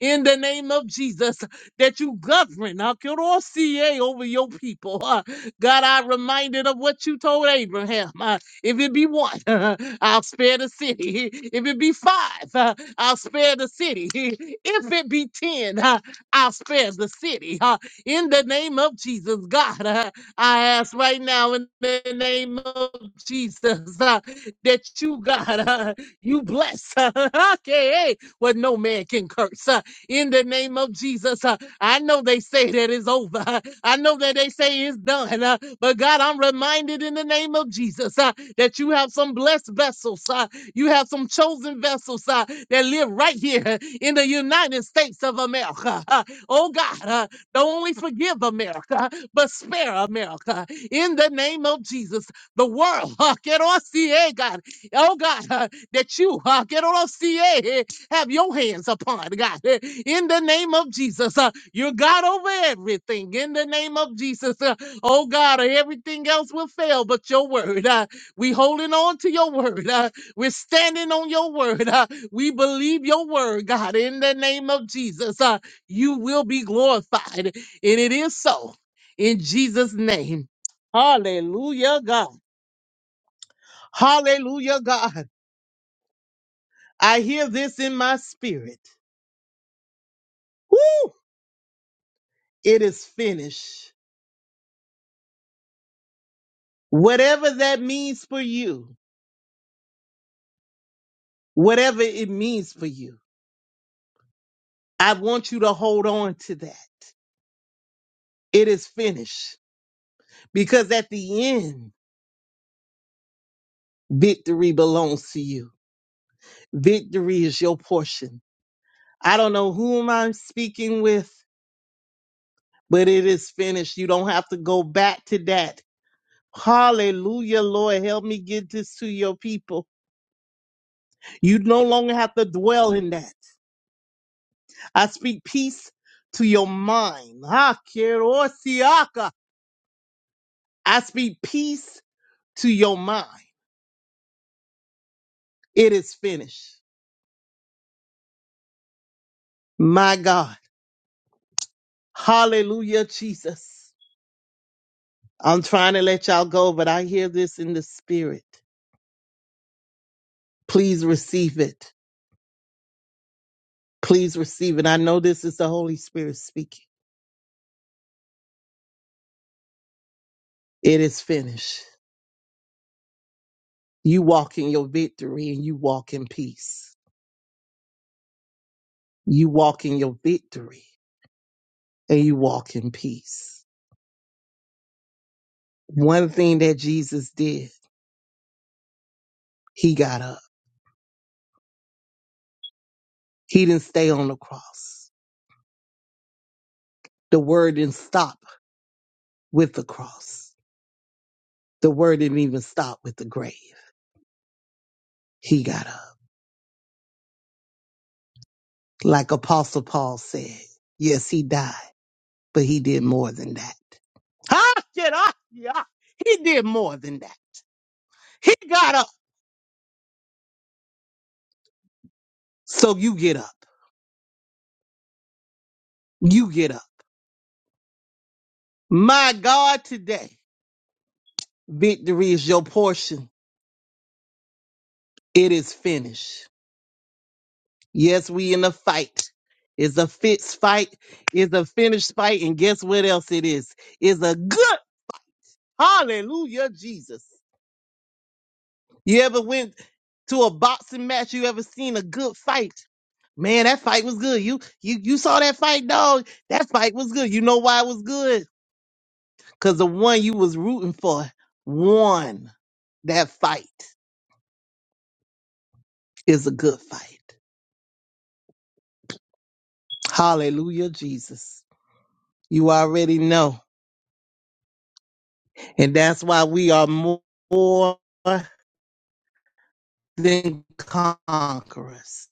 in the name of Jesus that you govern Akorosie, over your people. Uh, God, I reminded of what you told Abraham. Uh, if it be one, I'll spare the city. If it be five, uh, I'll spare the city. If it be ten, uh, I'll spare the city. Uh, in the name of Jesus, God, uh, I ask right now in the name of Jesus uh, that you, God, uh, you bless uh, okay, eh, what no man can curse. huh? in the name of Jesus. Uh, I know they say that it's over. Uh, I know that they say it's done. Uh, But God, I'm reminded in the name of Jesus uh, that you have some blessed vessels. uh, You have some chosen vessels uh, that live right here in the United States of America. Uh, Oh God, uh, don't only forgive America, but spare America in the name of Jesus. The world, uh, que no see, eh, God, oh God, uh, that you, uh, que no see, eh, have your hands upon, God. Eh, In the name of Jesus, uh, you're God over everything. In the name of Jesus, uh, oh God, everything else will fail but your word. Uh, we holding on to your word. Uh, we're standing on your word. Uh, we believe your word, God. In the name of Jesus, uh, you will be glorified. And it is so in Jesus' name. Hallelujah, God. Hallelujah, God. I hear this in my spirit. It is finished. Whatever that means for you, whatever it means for you, I want you to hold on to that. It is finished because at the end, victory belongs to you. Victory is your portion. I don't know whom I'm speaking with, but it is finished. You don't have to go back to that. Hallelujah, Lord. Help me get this to your people. You no longer have to dwell in that. I speak peace to your mind. Ha, kerosiaka. I speak peace to your mind. It is finished. My God. Hallelujah, Jesus. I'm trying to let y'all go, but I hear this in the spirit. Please receive it. Please receive it. I know this is the Holy Spirit speaking. It is finished. You walk in your victory and you walk in peace. You walk in your victory and you walk in peace. One thing that Jesus did, he got up. He didn't stay on the cross. The word didn't stop with the cross. The word didn't even stop with the grave. He got up. Like Apostle Paul said, yes, he died, but he did more than that. Ha! Get up! Yeah. He did more than that. He got up. So you get up. You get up. My God, today, victory is your portion. It is finished. Yes, we in a fight. It's a fist fight. It's a finished fight. And guess what else it is? It's a good hallelujah, Jesus. You ever went to a boxing match? You ever seen a good fight? Man, that fight was good. You you you saw that fight, dog. That fight was good. You know why it was good? Cause the one you was rooting for won that fight. Is a good fight. Hallelujah, Jesus. You already know. And that's why we are more than conquerors.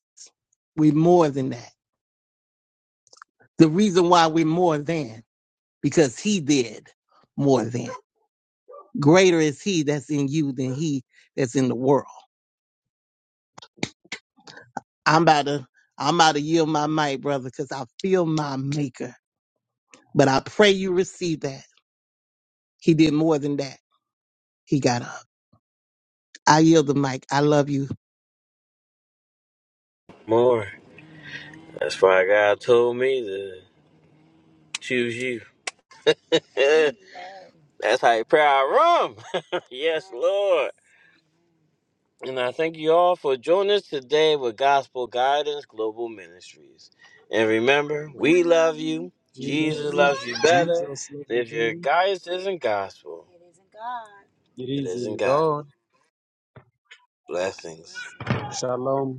We're more than that. The reason why we're more than, because he did more than. Greater is he that's in you than he that's in the world. I'm about to I'm about to yield my mic, brother, because I feel my maker. But I pray you receive that. He did more than that. He got up. I yield the mic. I love you.
More. That's why God told me to choose you. That's how you pray our room, yes, Lord. And I thank you all for joining us today with Gospel Guidance Global Ministries. And remember, we love you. Jesus loves you better.
Jesus,
And if your guidance isn't gospel,
It
it
is
isn't
in
God.
God.
Blessings.
Shalom.